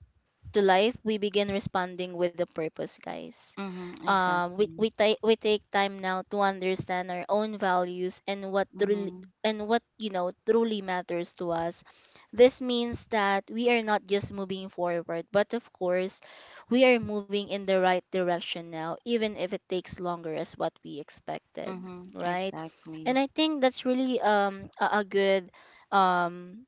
Speaker 2: to life, we begin responding with a purpose, guys.
Speaker 1: Mm-hmm. Exactly.
Speaker 2: We take time now to understand our own values, and what truly
Speaker 1: Mm-hmm.
Speaker 2: and what you know truly matters to us. This means that we are not just moving forward, but of course, we are moving in the right direction now, even if it takes longer as what we expected,
Speaker 1: Mm-hmm.
Speaker 2: right? And
Speaker 1: Exactly.
Speaker 2: I think that's really a good um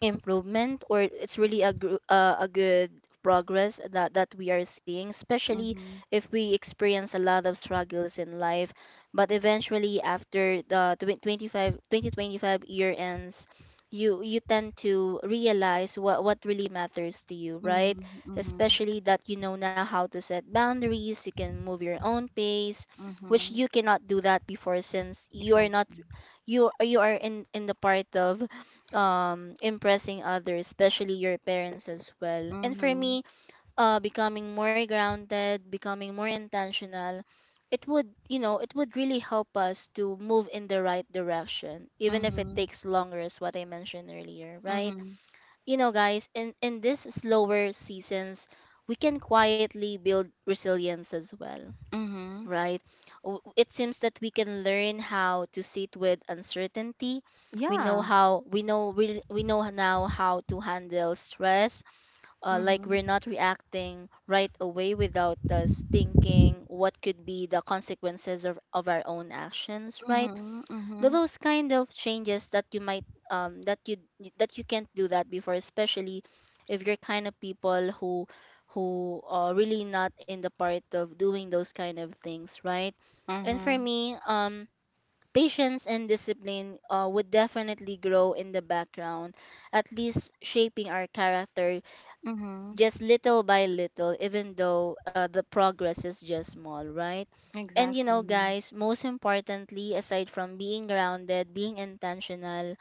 Speaker 2: improvement. Or it's really a good progress that we are seeing, especially
Speaker 1: Mm-hmm.
Speaker 2: if we experience a lot of struggles in life. But eventually, after the twen- 25 2025 year ends, you tend to realize what really matters to you, right?
Speaker 1: Mm-hmm. Mm-hmm.
Speaker 2: Especially that you know now how to set boundaries, you can move your own pace, which
Speaker 1: Mm-hmm.
Speaker 2: you cannot do that before. Since you are not,
Speaker 1: Exactly.
Speaker 2: you are in the part of impressing others, especially your parents as well. And for
Speaker 1: Mm-hmm.
Speaker 2: me, becoming more grounded, becoming more intentional, it would really help us to move in the right direction, even if it
Speaker 1: Mm-hmm.
Speaker 2: takes longer as what I mentioned earlier, right?
Speaker 1: Mm-hmm.
Speaker 2: Guys, in this slower seasons, we can quietly build resilience as well,
Speaker 1: Mm-hmm.
Speaker 2: right? It seems that we can learn how to sit with uncertainty. We know
Speaker 1: Yeah.
Speaker 2: how we know we, we know now how to handle stress. Like
Speaker 1: Mm-hmm.
Speaker 2: we're not reacting right away without us thinking what could be the consequences of our own actions, right?
Speaker 1: Mm-hmm.
Speaker 2: Th-
Speaker 1: Mm-hmm.
Speaker 2: those kind of changes that you might um that you that you can't do that before, especially if you're kind of people who are really not in the part of doing those kind of things, right? And for
Speaker 1: Mm-hmm.
Speaker 2: me, patience and discipline would definitely grow in the background, at least shaping our character
Speaker 1: Mm-hmm.
Speaker 2: just little by little, even though the progress is just small, right? And you know,
Speaker 1: Exactly.
Speaker 2: guys, most importantly, aside from being grounded, being intentional,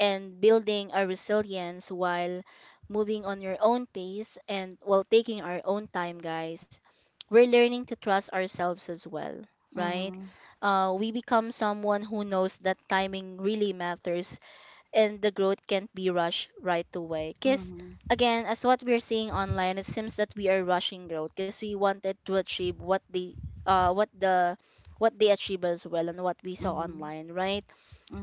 Speaker 2: and building our resilience while moving on your own pace and while taking our own time, guys, we're learning to trust ourselves as well, right?
Speaker 1: Mhm.
Speaker 2: We become someone who knows that timing really matters and the growth can't be rushed right away. Because
Speaker 1: Mhm.
Speaker 2: again, as what we're seeing online, it seems that we are rushing growth because we wanted to achieve what the what the what they achieve as well and what we saw
Speaker 1: Mhm.
Speaker 2: online, right?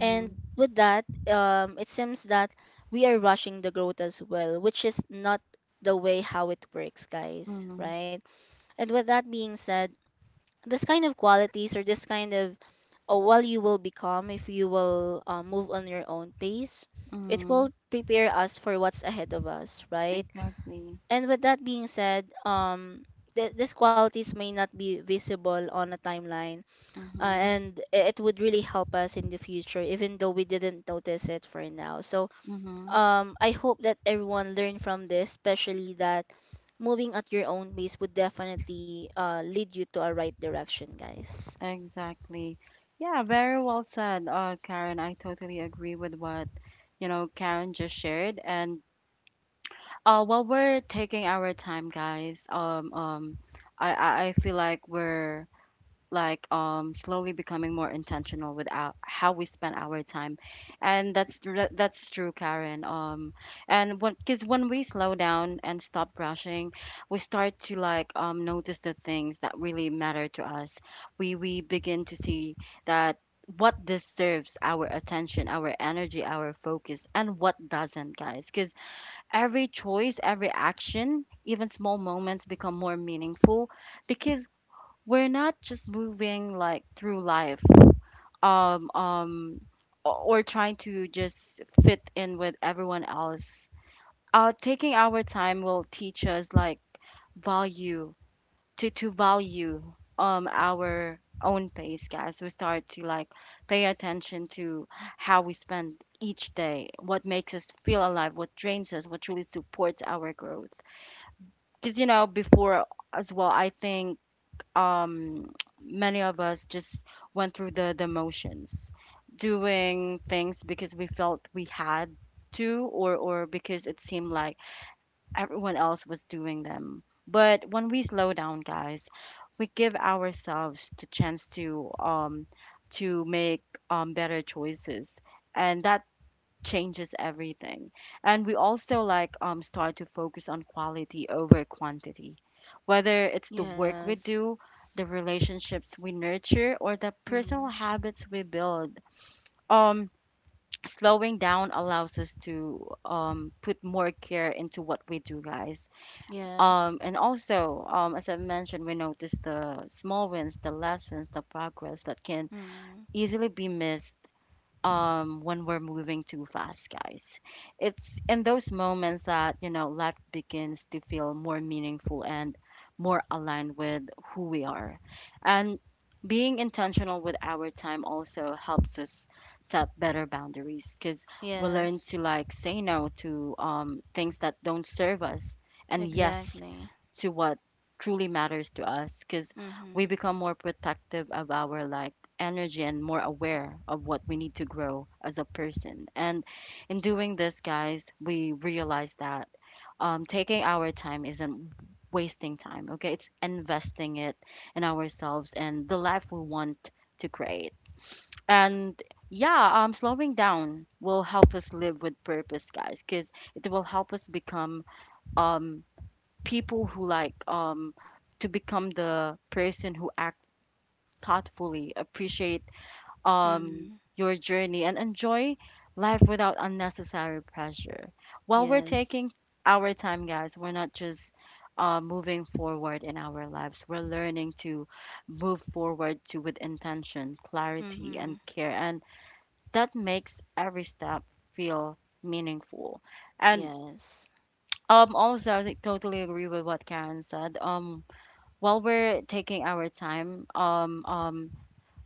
Speaker 2: And with that, it seems that we are rushing the growth as well, which is not the way how it works, guys,
Speaker 1: Mhm.
Speaker 2: right? And with that being said, this kind of qualities or this kind of what you will become if you will move on your own pace, it will
Speaker 1: Mhm.
Speaker 2: prepare us for what's ahead of us, right?
Speaker 1: Exactly.
Speaker 2: And with that being said, these qualities may not be visible on a timeline,
Speaker 1: Mhm.
Speaker 2: and it would really help us in the future even though we didn't notice it for now. So
Speaker 1: Mhm.
Speaker 2: I hope that everyone learned from this, especially that moving at your own pace would definitely lead you to a right direction, guys.
Speaker 1: Exactly. Yeah, very well said, Karen. I totally agree with what, you know, Karen just shared. And while we're taking our time, guys, I feel like we're like slowly becoming more intentional with our, how we spend our time. And that's true, Karen. And when Because when we slow down and stop rushing, we start to like notice the things that really matter to us. We begin to see that what deserves our attention, our energy, our focus, and what doesn't, guys. Because every choice, every action, even small moments become more meaningful, because we're not just moving like through life, um um or trying to just fit in with everyone else. Taking our time will teach us like value, to value our own pace, guys. We start to like pay attention to how we spend each day, what makes us feel alive, what drains us, what truly supports our growth. Because you know, before, as well, I think, um, many of us just went through the motions, doing things because we felt we had to, or because it seemed like everyone else was doing them. But when we slow down, guys, we give ourselves the chance to make better choices, and that changes everything. And we also start to focus on quality over quantity, whether it's the work we
Speaker 2: Yes.
Speaker 1: do, the relationships we nurture, or the personal
Speaker 2: Mm-hmm.
Speaker 1: habits we build. Um Slowing down allows us to put more care into what we do, guys.
Speaker 2: Yes.
Speaker 1: As I mentioned, we notice the small wins, the lessons, the progress that can
Speaker 2: Mm-hmm.
Speaker 1: easily be missed when we're moving too fast, guys. It's in those moments that life begins to feel more meaningful and more aligned with who we are. And being intentional with our time also helps us set better boundaries, because we learn
Speaker 2: Yes.
Speaker 1: to say no to things that don't serve us, and yes
Speaker 2: Exactly.
Speaker 1: to what truly matters to us, because
Speaker 2: Mm-hmm.
Speaker 1: we become more protective of our energy and more aware of what we need to grow as a person. And in doing this, guys, we realize that taking our time isn't wasting time. Okay, it's investing it in ourselves and the life we want to create. And yeah slowing down will help us live with purpose, guys, because it will help us become um people who like to become the person who act thoughtfully, appreciate um
Speaker 2: Mm-hmm.
Speaker 1: your journey, and enjoy life without unnecessary pressure. While we're
Speaker 2: Yes.
Speaker 1: taking our time, guys, we're not just moving forward in our lives. We're learning to move forward to with intention, clarity,
Speaker 2: Mm-hmm.
Speaker 1: and care, and that makes every step feel meaningful. And
Speaker 2: Yes.
Speaker 1: also, I totally agree with what Karen said. While we're taking our time,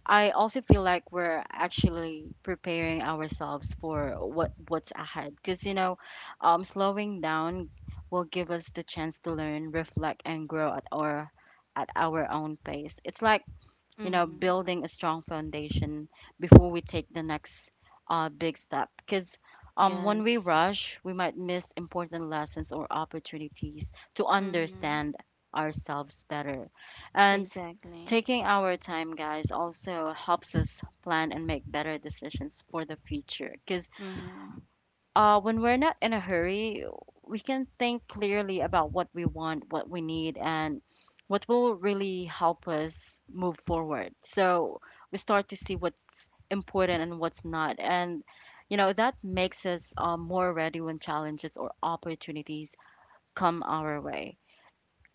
Speaker 1: I also feel like we're actually preparing ourselves for what's ahead. Because slowing down will give us the chance to learn, reflect, and grow at our own pace. It's like
Speaker 2: Mm-hmm.
Speaker 1: building a strong foundation before we take the next big step. Because when we
Speaker 2: Yes.
Speaker 1: rush, we might miss important lessons or opportunities to
Speaker 2: Mm-hmm.
Speaker 1: understand ourselves better. And
Speaker 2: Exactly.
Speaker 1: taking our time, guys, also helps us plan and make better decisions for the future. Because
Speaker 2: Mm-hmm.
Speaker 1: when we're not in a hurry, we can think clearly about what we want, what we need, and what will really help us move forward. So we start to see what's important and what's not. And, you know, that makes us more ready when challenges or opportunities come our way.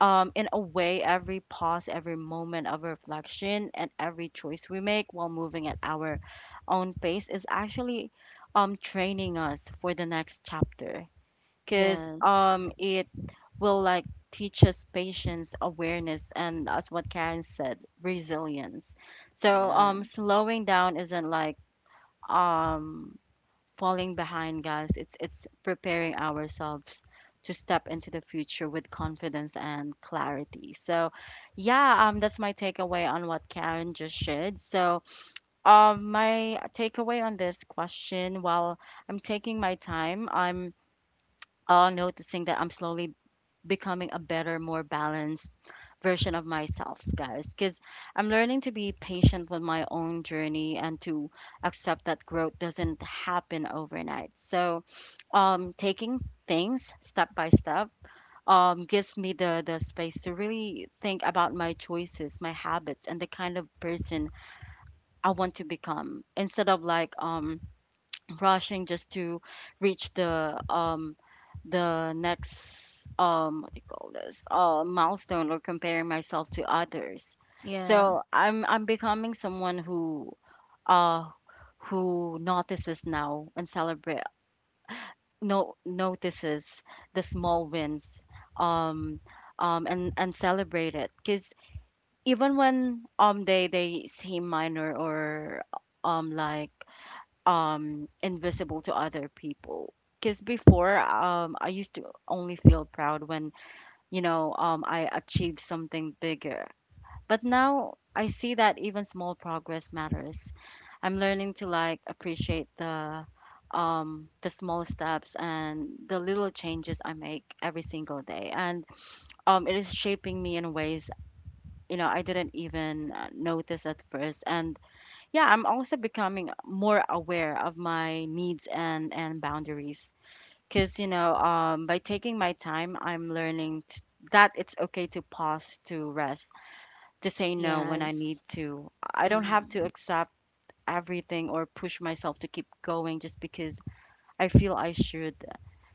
Speaker 1: Um, in a way, every pause, every moment of reflection, and every choice we make while moving at our own pace is actually training us for the next chapter, because
Speaker 2: Yes.
Speaker 1: it will teach us patience, awareness, and, as what Karen said, resilience. So
Speaker 2: Yeah.
Speaker 1: slowing down isn't um falling behind, guys. It's preparing ourselves to step into the future with confidence and clarity. So, yeah, that's my takeaway on what Karen just shared. So, my takeaway on this question: while I'm taking my time, I'm noticing that I'm slowly becoming a better, more balanced version of myself, guys. Because I'm learning to be patient with my own journey and to accept that growth doesn't happen overnight. So, taking things step by step gives me the space to really think about my choices, my habits, and the kind of person I want to become, instead of rushing just to reach the next what do you call this, milestone, or comparing myself to others.
Speaker 2: Yeah.
Speaker 1: So I'm becoming someone uh who notices now and celebrate no notices the small wins, um and celebrate it, because even when they seem minor or um like invisible to other people. Because before, I used to only feel proud when, I achieved something bigger, but now I see that even small progress matters. I'm learning to appreciate the small steps and the little changes I make every single day, and it is shaping me in ways, you know, I didn't even notice at first. And yeah, I'm also becoming more aware of my needs and boundaries, because, you know, by taking my time I'm learning t that it's okay to pause, to rest, to say no when I
Speaker 2: Yes.
Speaker 1: need to. I don't have to
Speaker 2: Mm-hmm.
Speaker 1: accept everything or push myself to keep going just because I feel I should.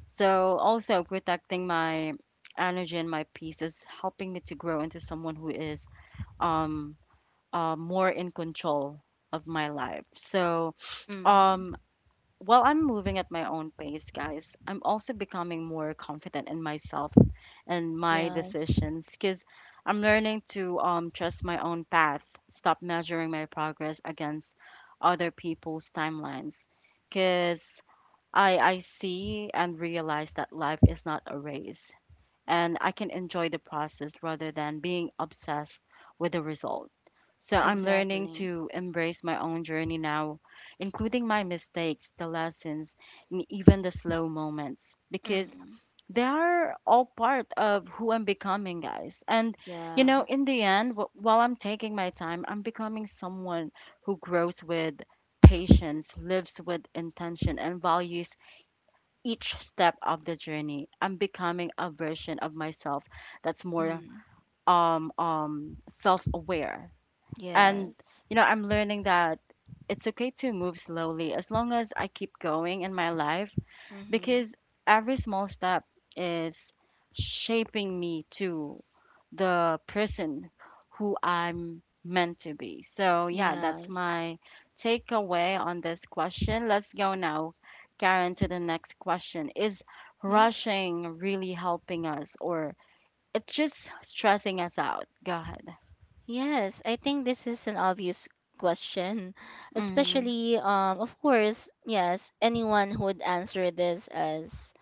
Speaker 1: So also protecting my energy and my peace is helping me to grow into someone who is um more in control of my life. So um
Speaker 2: Mm-hmm.
Speaker 1: while I'm moving at my own pace, guys, I'm also becoming more confident in myself and my
Speaker 2: Yes.
Speaker 1: decisions, because I'm learning to trust my own path, stop measuring my progress against other people's timelines, because I see and realize that life is not a race, and I can enjoy the process rather than being obsessed with the result. So I'm learning
Speaker 2: Exactly.
Speaker 1: to embrace my own journey now, including my mistakes, the lessons, and even the slow moments, because
Speaker 2: Mm-hmm.
Speaker 1: they are all part of who I'm becoming, guys. And, you
Speaker 2: Yeah.
Speaker 1: know, in the end, while I'm taking my time, I'm becoming someone who grows with patience, lives with intention, and values each step of the journey. I'm becoming a version of myself that's more
Speaker 2: Mm-hmm.
Speaker 1: self-aware. And,
Speaker 2: Yes.
Speaker 1: you know, I'm learning that it's okay to move slowly as long as I keep going in my life,
Speaker 2: Mm-hmm.
Speaker 1: because every small step is shaping me to the person who I'm meant to be. So, yeah, that's
Speaker 2: Yes.
Speaker 1: my takeaway on this question. Let's go now, Karen, to the next question. Is
Speaker 2: Yeah.
Speaker 1: rushing really helping us, or it's just stressing us out? Go ahead.
Speaker 2: Yes, I think this is an obvious question,
Speaker 1: Mm-hmm,
Speaker 2: especially of course, yes, anyone who would answer this as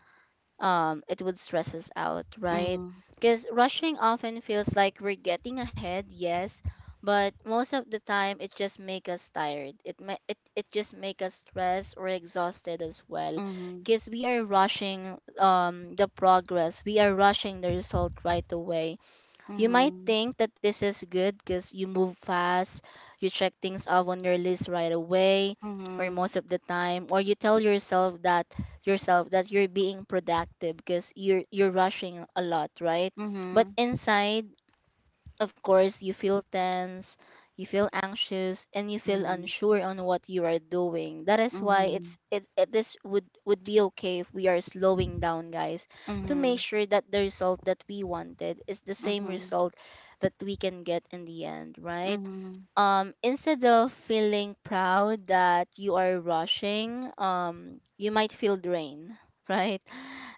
Speaker 2: it would stress us out, right? Because rushing often feels like we're getting ahead, yes, but most of the time it just make us tired. It it just make us stressed or exhausted as well,
Speaker 1: mm-hmm,
Speaker 2: because we are rushing the progress, we are rushing the result right away. You might
Speaker 1: mm-hmm,
Speaker 2: think that this is good because you move fast, you check things off on your list right away, or
Speaker 1: mm-hmm,
Speaker 2: most of the time, or you tell yourself that you're being productive because you're rushing a lot, right? But
Speaker 1: mm-hmm,
Speaker 2: inside, of course, you feel tense, you feel anxious, and you feel
Speaker 1: mm-hmm,
Speaker 2: unsure on what you are doing. That is why
Speaker 1: mm-hmm,
Speaker 2: it this would be okay if we are slowing down, guys,
Speaker 1: mm-hmm,
Speaker 2: to
Speaker 1: mm-hmm,
Speaker 2: make sure that the result that we wanted is the same
Speaker 1: mm-hmm.
Speaker 2: result that we can get in the end, right?
Speaker 1: Mm-hmm.
Speaker 2: Instead of feeling proud that you are rushing, you might feel drained right?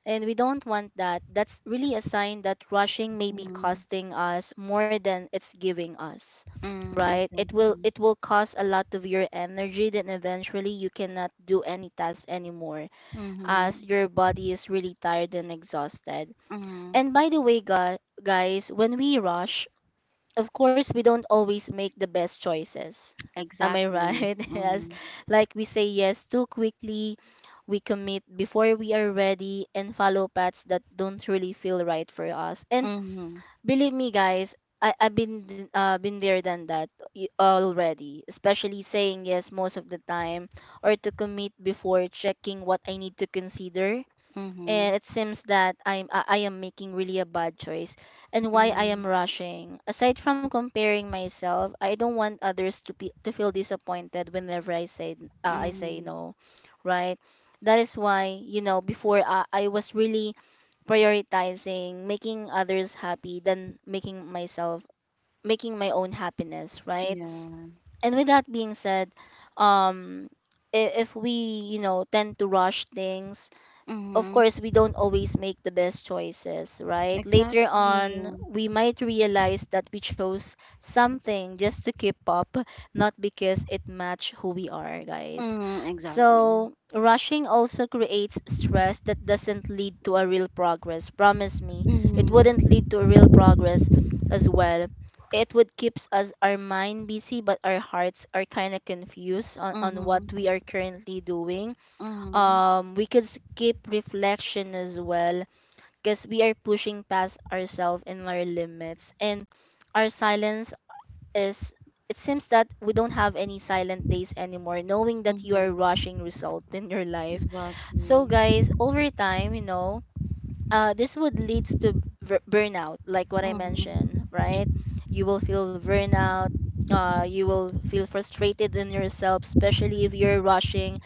Speaker 2: And we don't want that. That's really a sign that rushing may be
Speaker 1: Mm,
Speaker 2: costing us more than it's giving us,
Speaker 1: mm,
Speaker 2: right? It will,
Speaker 1: exactly.
Speaker 2: it will cost a lot of your energy, then eventually you cannot do any task anymore as
Speaker 1: Mm-hmm.
Speaker 2: your body is really tired and exhausted.
Speaker 1: Mm,
Speaker 2: And by the way, guys, when we rush, of course we don't always make the best choices, am I
Speaker 1: exactly.
Speaker 2: right? Yes.
Speaker 1: Mm,
Speaker 2: Like we say yes too quickly, we commit before we are ready and follow paths that don't really feel right for us. And
Speaker 1: mm-hmm.
Speaker 2: believe me guys, I've been there than that already, especially saying yes most of the time or to commit before checking what I need to consider.
Speaker 1: Mm-hmm.
Speaker 2: And it seems that I am making really a bad choice. And why I am
Speaker 1: Mm,
Speaker 2: rushing? Aside from comparing myself, I don't want others to be to feel disappointed whenever I say
Speaker 1: mm-hmm.
Speaker 2: no, right? That is why, you know, before, I was really prioritizing making others happy than making my own happiness, right?
Speaker 1: Yeah.
Speaker 2: And with that being said, um if we, you know, tend to rush things, of course
Speaker 1: Mm-hmm.
Speaker 2: we don't always make the best choices, right? Later
Speaker 1: Exactly.
Speaker 2: on we might realize that we chose something just to keep up, not because it matched who we are, guys.
Speaker 1: Mm, exactly.
Speaker 2: So rushing also creates stress that doesn't lead to a real progress. Promise me, it
Speaker 1: Mm-hmm.
Speaker 2: wouldn't lead to a real progress as well. It would keeps us our mind busy, but our hearts are kind of confused on what
Speaker 1: Mm-hmm.
Speaker 2: we are currently doing.
Speaker 1: Mm-hmm.
Speaker 2: We could skip reflection as well because we are pushing past ourselves and our limits, and our silence is, it seems that we don't have any silent days anymore knowing that you are
Speaker 1: Mm-hmm.
Speaker 2: rushing result in your life. So
Speaker 1: Exactly.
Speaker 2: guys, over time, you know, this would lead to burnout, like what I
Speaker 1: Mm-hmm.
Speaker 2: mentioned, right? You will feel burnout. You will feel frustrated in yourself, especially if you're rushing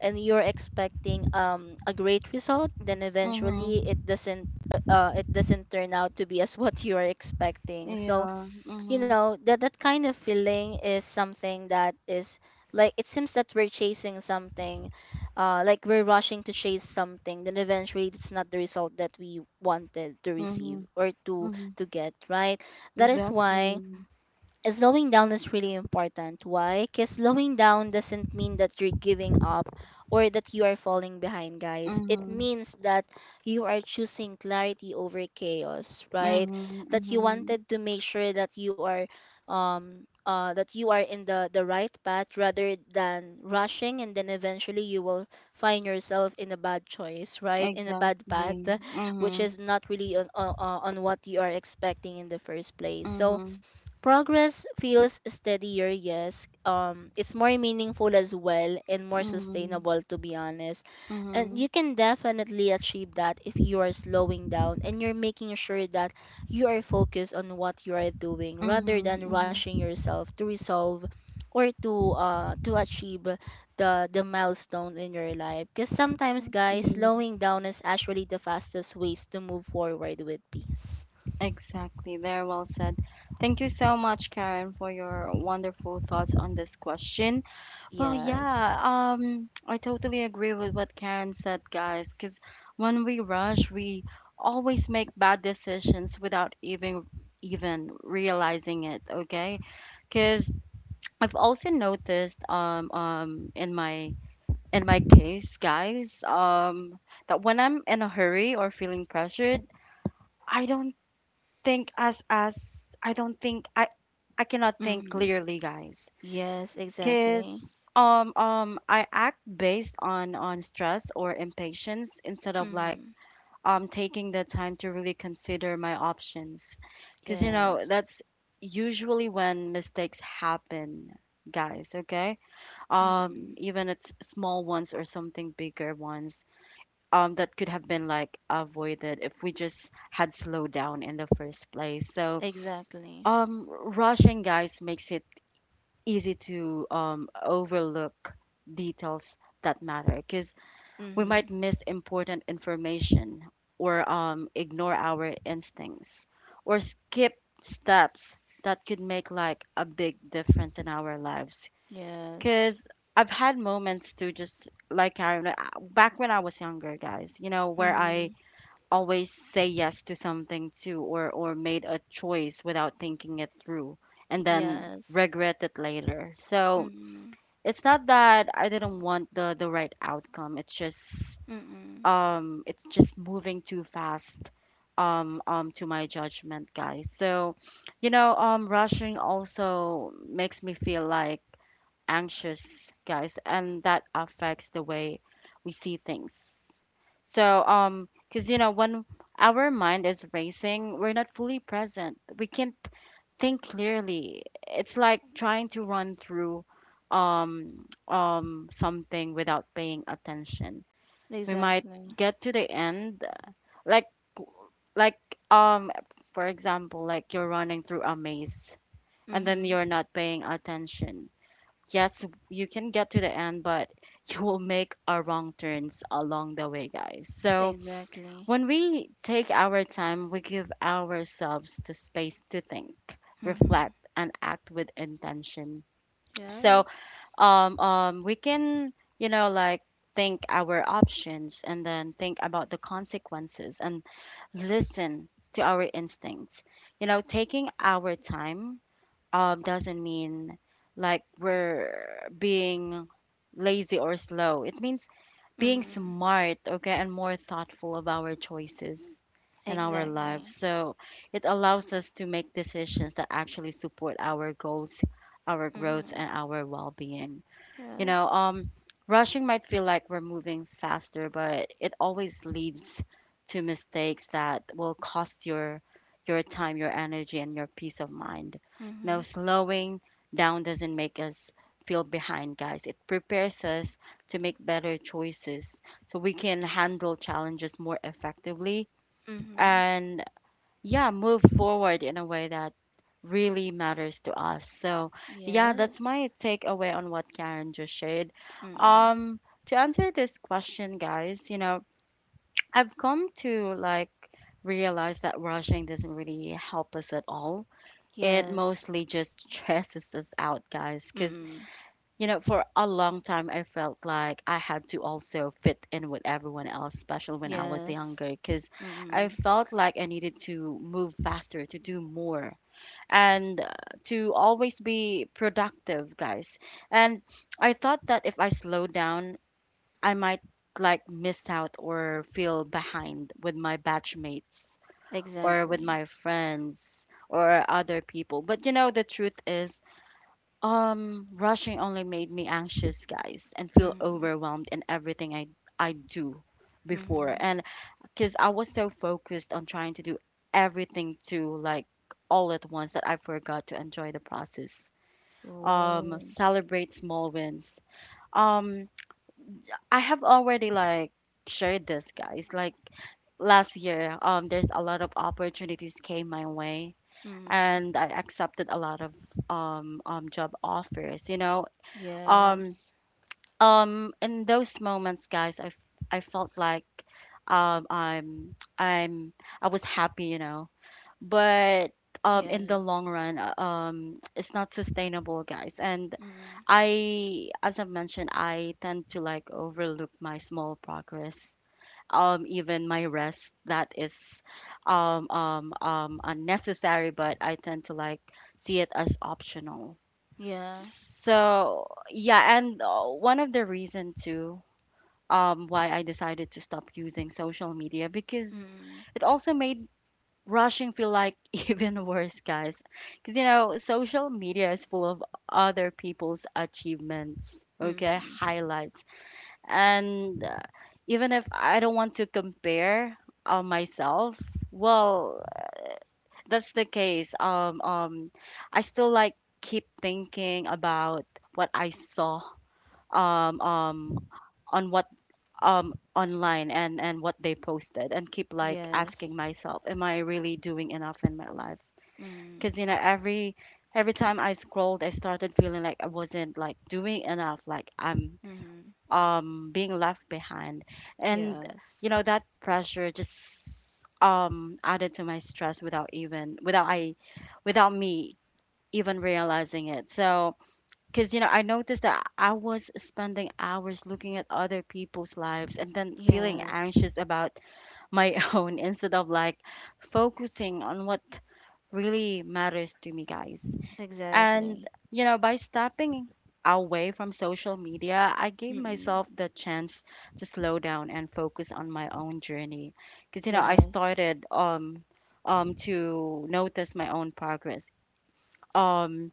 Speaker 2: and you're expecting a great result. Then eventually,
Speaker 1: Mm-hmm.
Speaker 2: it doesn't turn out to be as what you are expecting. So
Speaker 1: Yeah.
Speaker 2: you
Speaker 1: Mm-hmm.
Speaker 2: know that that kind of feeling is something that is like, it seems that we're chasing something, like we're rushing to chase something, then eventually it's not the result that we wanted to
Speaker 1: Mm-hmm.
Speaker 2: receive or to
Speaker 1: Mm-hmm.
Speaker 2: get right. That is
Speaker 1: Exactly.
Speaker 2: why slowing down is really important. Why? Because slowing down doesn't mean that you're giving up or that you are falling behind, guys. It
Speaker 1: Mm-hmm.
Speaker 2: means that you are choosing clarity over chaos, right?
Speaker 1: Mm-hmm.
Speaker 2: That you
Speaker 1: Mm-hmm.
Speaker 2: wanted to make sure that you are in the right path, rather than rushing and then eventually you will find yourself in a bad choice, right, in a bad path,
Speaker 1: Exactly.
Speaker 2: which
Speaker 1: Mm-hmm.
Speaker 2: is not really on what you are expecting in the first place. So
Speaker 1: Mm-hmm.
Speaker 2: progress feels steadier, yes. It's more meaningful as well and more
Speaker 1: Mhm,
Speaker 2: sustainable, to be honest. And you
Speaker 1: mhm,
Speaker 2: can definitely achieve that if you are slowing down and you're making sure that you are focused on what you are doing, rather
Speaker 1: mhm,
Speaker 2: than
Speaker 1: mhm.
Speaker 2: rushing yourself to resolve or to achieve the milestone in your life. Because sometimes, guys,
Speaker 1: Okay.
Speaker 2: slowing down is actually the fastest ways to move forward with peace.
Speaker 1: Exactly. Very well said. Thank you so much, Karen, for your wonderful thoughts on this question. Well,
Speaker 2: Yes.
Speaker 1: yeah, I totally agree with what Karen said, guys, because when we rush, we always make bad decisions without even realizing it, okay? Because I've also noticed in my case, guys, that when I'm in a hurry or feeling pressured, I don't I don't think I cannot think
Speaker 2: Mm-hmm.
Speaker 1: clearly, guys.
Speaker 2: Yes, exactly.
Speaker 1: Cause I act based on stress or impatience instead of
Speaker 2: Mm,
Speaker 1: taking the time to really consider my options. Cause you
Speaker 2: yes.
Speaker 1: know, that's usually when mistakes happen, guys. Okay,
Speaker 2: Mm,
Speaker 1: even it's small ones or something bigger ones, that could have been avoided if we just had slowed down in the first place. So,
Speaker 2: exactly.
Speaker 1: rushing, guys, makes it easy to overlook details that matter, because we
Speaker 2: Mm,
Speaker 1: might miss important information, or ignore our instincts, or skip steps that could make a big difference in our lives.
Speaker 2: yes.
Speaker 1: Because I've had moments to just like Karen, like, back when I was younger, guys, you know, where I
Speaker 2: Mm,
Speaker 1: always say yes to something too, or made a choice without thinking it through, and then
Speaker 2: yes.
Speaker 1: regret it later. So
Speaker 2: Mm,
Speaker 1: it's not that I didn't want the right outcome. It's just
Speaker 2: mm,
Speaker 1: it's just moving too fast, to my judgment, guys. So you know, rushing also makes me feel anxious, guys, and that affects the way we see things. So, because you know, when our mind is racing, we're not fully present. We can't think clearly. It's like trying to run through something without paying attention. We might
Speaker 2: exactly.
Speaker 1: get to the end, like like um for example, like you're running through a maze and then
Speaker 2: Mm,
Speaker 1: you're not paying attention. Yes, you can get to the end, but you will make a wrong turns along the way, guys. So
Speaker 2: exactly.
Speaker 1: when we take our time, we give ourselves the space to think,
Speaker 2: Mm,
Speaker 1: reflect, and act with intention. So
Speaker 2: yes.
Speaker 1: we can, you know, think our options, and then think about the consequences, and listen to our instincts. You know, taking our time doesn't mean we're being lazy or slow. It means being
Speaker 2: Mm,
Speaker 1: smart, okay, and more thoughtful of our choices and our life.
Speaker 2: exactly.
Speaker 1: So it allows us to make decisions that actually support our goals, our growth,
Speaker 2: Mm,
Speaker 1: and our well being. You
Speaker 2: yes.
Speaker 1: know, rushing might feel like we're moving faster, but it always leads to mistakes that will cost your time, your energy, and your peace of mind. You know,
Speaker 2: Mm,
Speaker 1: slowing down doesn't make us feel behind, guys. It prepares us to make better choices, so we can handle challenges more effectively,
Speaker 2: mm,
Speaker 1: and yeah, move forward in a way that really matters to us. So, yeah, that's
Speaker 2: yes.
Speaker 1: my takeaway on what Karen just shared.
Speaker 2: Mm,
Speaker 1: Um, to answer this question, guys, you know, I've come to realize that rushing doesn't really help us at all. It
Speaker 2: yes.
Speaker 1: mostly just stresses us out, guys, because
Speaker 2: Mm,
Speaker 1: you know, for a long time, I felt like I had to also fit in with everyone else, especially when I was
Speaker 2: yes.
Speaker 1: younger, because I
Speaker 2: Mm,
Speaker 1: felt like I needed to move faster, to do more and to always be productive, guys. And I thought that if I slow down, I might miss out or feel behind with my batchmates or with
Speaker 2: exactly.
Speaker 1: my friends or other people. But you know, the truth is, rushing only made me anxious, guys, and feel
Speaker 2: Mm.
Speaker 1: overwhelmed in everything I do before. And because I was so focused on trying to do everything to like all at once that I forgot to enjoy the process.
Speaker 2: Oh.
Speaker 1: Celebrate small wins. Um, I have already shared this, guys. Like last year, there's a lot of opportunities came my way,
Speaker 2: Mm.
Speaker 1: and I accepted a lot of job offers. You know, um,
Speaker 2: Yes.
Speaker 1: in those moments, guys, I felt like um I'm I'm I was happy, you know. But in the
Speaker 2: Yes.
Speaker 1: long run it's not sustainable, guys. And
Speaker 2: Mm.
Speaker 1: I, as I've mentioned, I tend to overlook my small progress, even my rest, that is unnecessary, but I tend to see it as optional.
Speaker 2: Yeah.
Speaker 1: So yeah, and one of the reason too why I decided to stop using social media, because
Speaker 2: Mm.
Speaker 1: it also made rushing feel like even worse, guys, because you know, social media is full of other people's achievements, okay,
Speaker 2: Mm.
Speaker 1: highlights. And even if I don't want to compare myself, well, that's the case. I still keep thinking about what I saw um um on what online, and what they posted, and keep
Speaker 2: Yes.
Speaker 1: asking myself, am I really doing enough in my life?
Speaker 2: Mm.
Speaker 1: Because, you know, every time I scrolled, I started feeling like I wasn't doing enough, like I'm
Speaker 2: Mm.
Speaker 1: being left behind. And,
Speaker 2: Yes.
Speaker 1: you know, that pressure just added to my stress without even without I without me even realizing it. So, because, you know, I noticed that I was spending hours looking at other people's lives and then feeling
Speaker 2: Yes.
Speaker 1: anxious about my own instead of focusing on what really matters to me, guys.
Speaker 2: Exactly.
Speaker 1: And, you know, by stepping away from social media, I gave
Speaker 2: Mm.
Speaker 1: myself the chance to slow down and focus on my own journey. Because, you know, I
Speaker 2: Yes.
Speaker 1: started to notice my own progress. Um,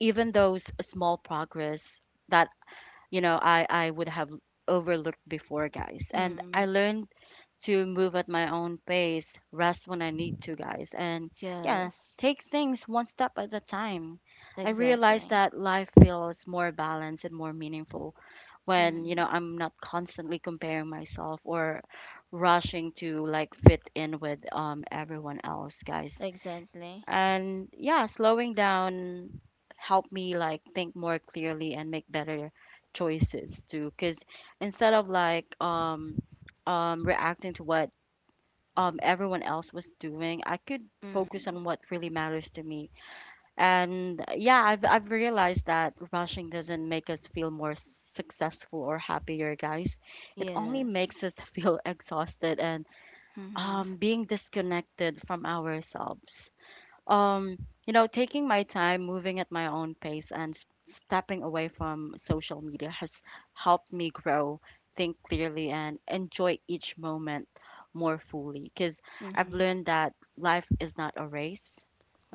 Speaker 1: Even those small progress that, you know, I would have overlooked before, guys. And
Speaker 2: Mm.
Speaker 1: I learned to move at my own pace, rest when I need to, guys. And yeah,
Speaker 2: Yes.
Speaker 1: take things one step at a time. I
Speaker 2: Exactly.
Speaker 1: realized that life feels more balanced and more meaningful when,
Speaker 2: Mm.
Speaker 1: you know, I'm not constantly comparing myself or rushing to fit in with everyone else, guys.
Speaker 2: Exactly.
Speaker 1: And yeah, slowing down helped me think more clearly and make better choices too. Cause instead of reacting to what everyone else was doing, I could focus
Speaker 2: Mm.
Speaker 1: on what really matters to me. And yeah, I've realized that rushing doesn't make us feel more successful or happier, guys. It only
Speaker 2: Yes.
Speaker 1: makes us feel exhausted and
Speaker 2: Mm.
Speaker 1: being disconnected from ourselves. um you know, taking my time, moving at my own pace, and stepping away from social media has helped me grow, think clearly, and enjoy each moment more fully, because I've
Speaker 2: Mm.
Speaker 1: learned that life is not a race,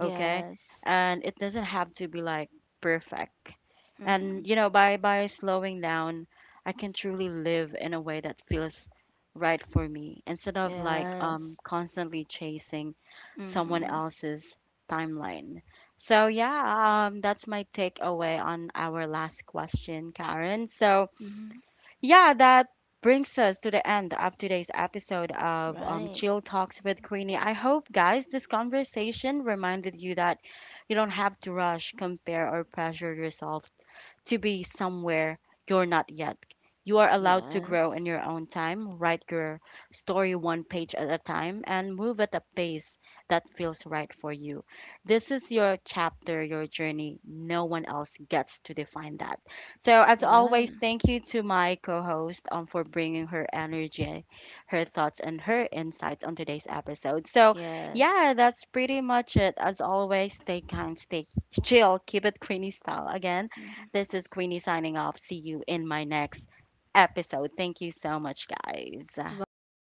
Speaker 1: okay, and it doesn't have to be perfect.
Speaker 2: Mm.
Speaker 1: And you know, by slowing down, I can truly live in a way that feels right for me instead of
Speaker 2: Yes.
Speaker 1: constantly chasing someone
Speaker 2: Mm.
Speaker 1: else's timeline. So yeah, that's my takeaway on our last question, Karen. So
Speaker 2: Mm.
Speaker 1: yeah, that brings us to the end of today's episode of
Speaker 2: Right.
Speaker 1: Chill Talks with Queenie. I hope, guys, this conversation reminded you that you don't have to rush, compare, or pressure yourself to be somewhere you're not yet. You are allowed to grow
Speaker 2: Yes.
Speaker 1: in your own time, write your story one page at a time, and move at a pace that feels right for you. This is your chapter, your journey. No one else gets to define that. So, as
Speaker 2: Yeah.
Speaker 1: always, thank you to my co host for bringing her energy, her thoughts, and her insights on today's episode. So,
Speaker 2: Yes.
Speaker 1: yeah, that's pretty much it. As always, stay kind, stay chill, keep it creamy style. Again,
Speaker 2: Mhm.
Speaker 1: this is Queenie signing off. See you in my next episode. Thank you so much, guys.
Speaker 2: Bye.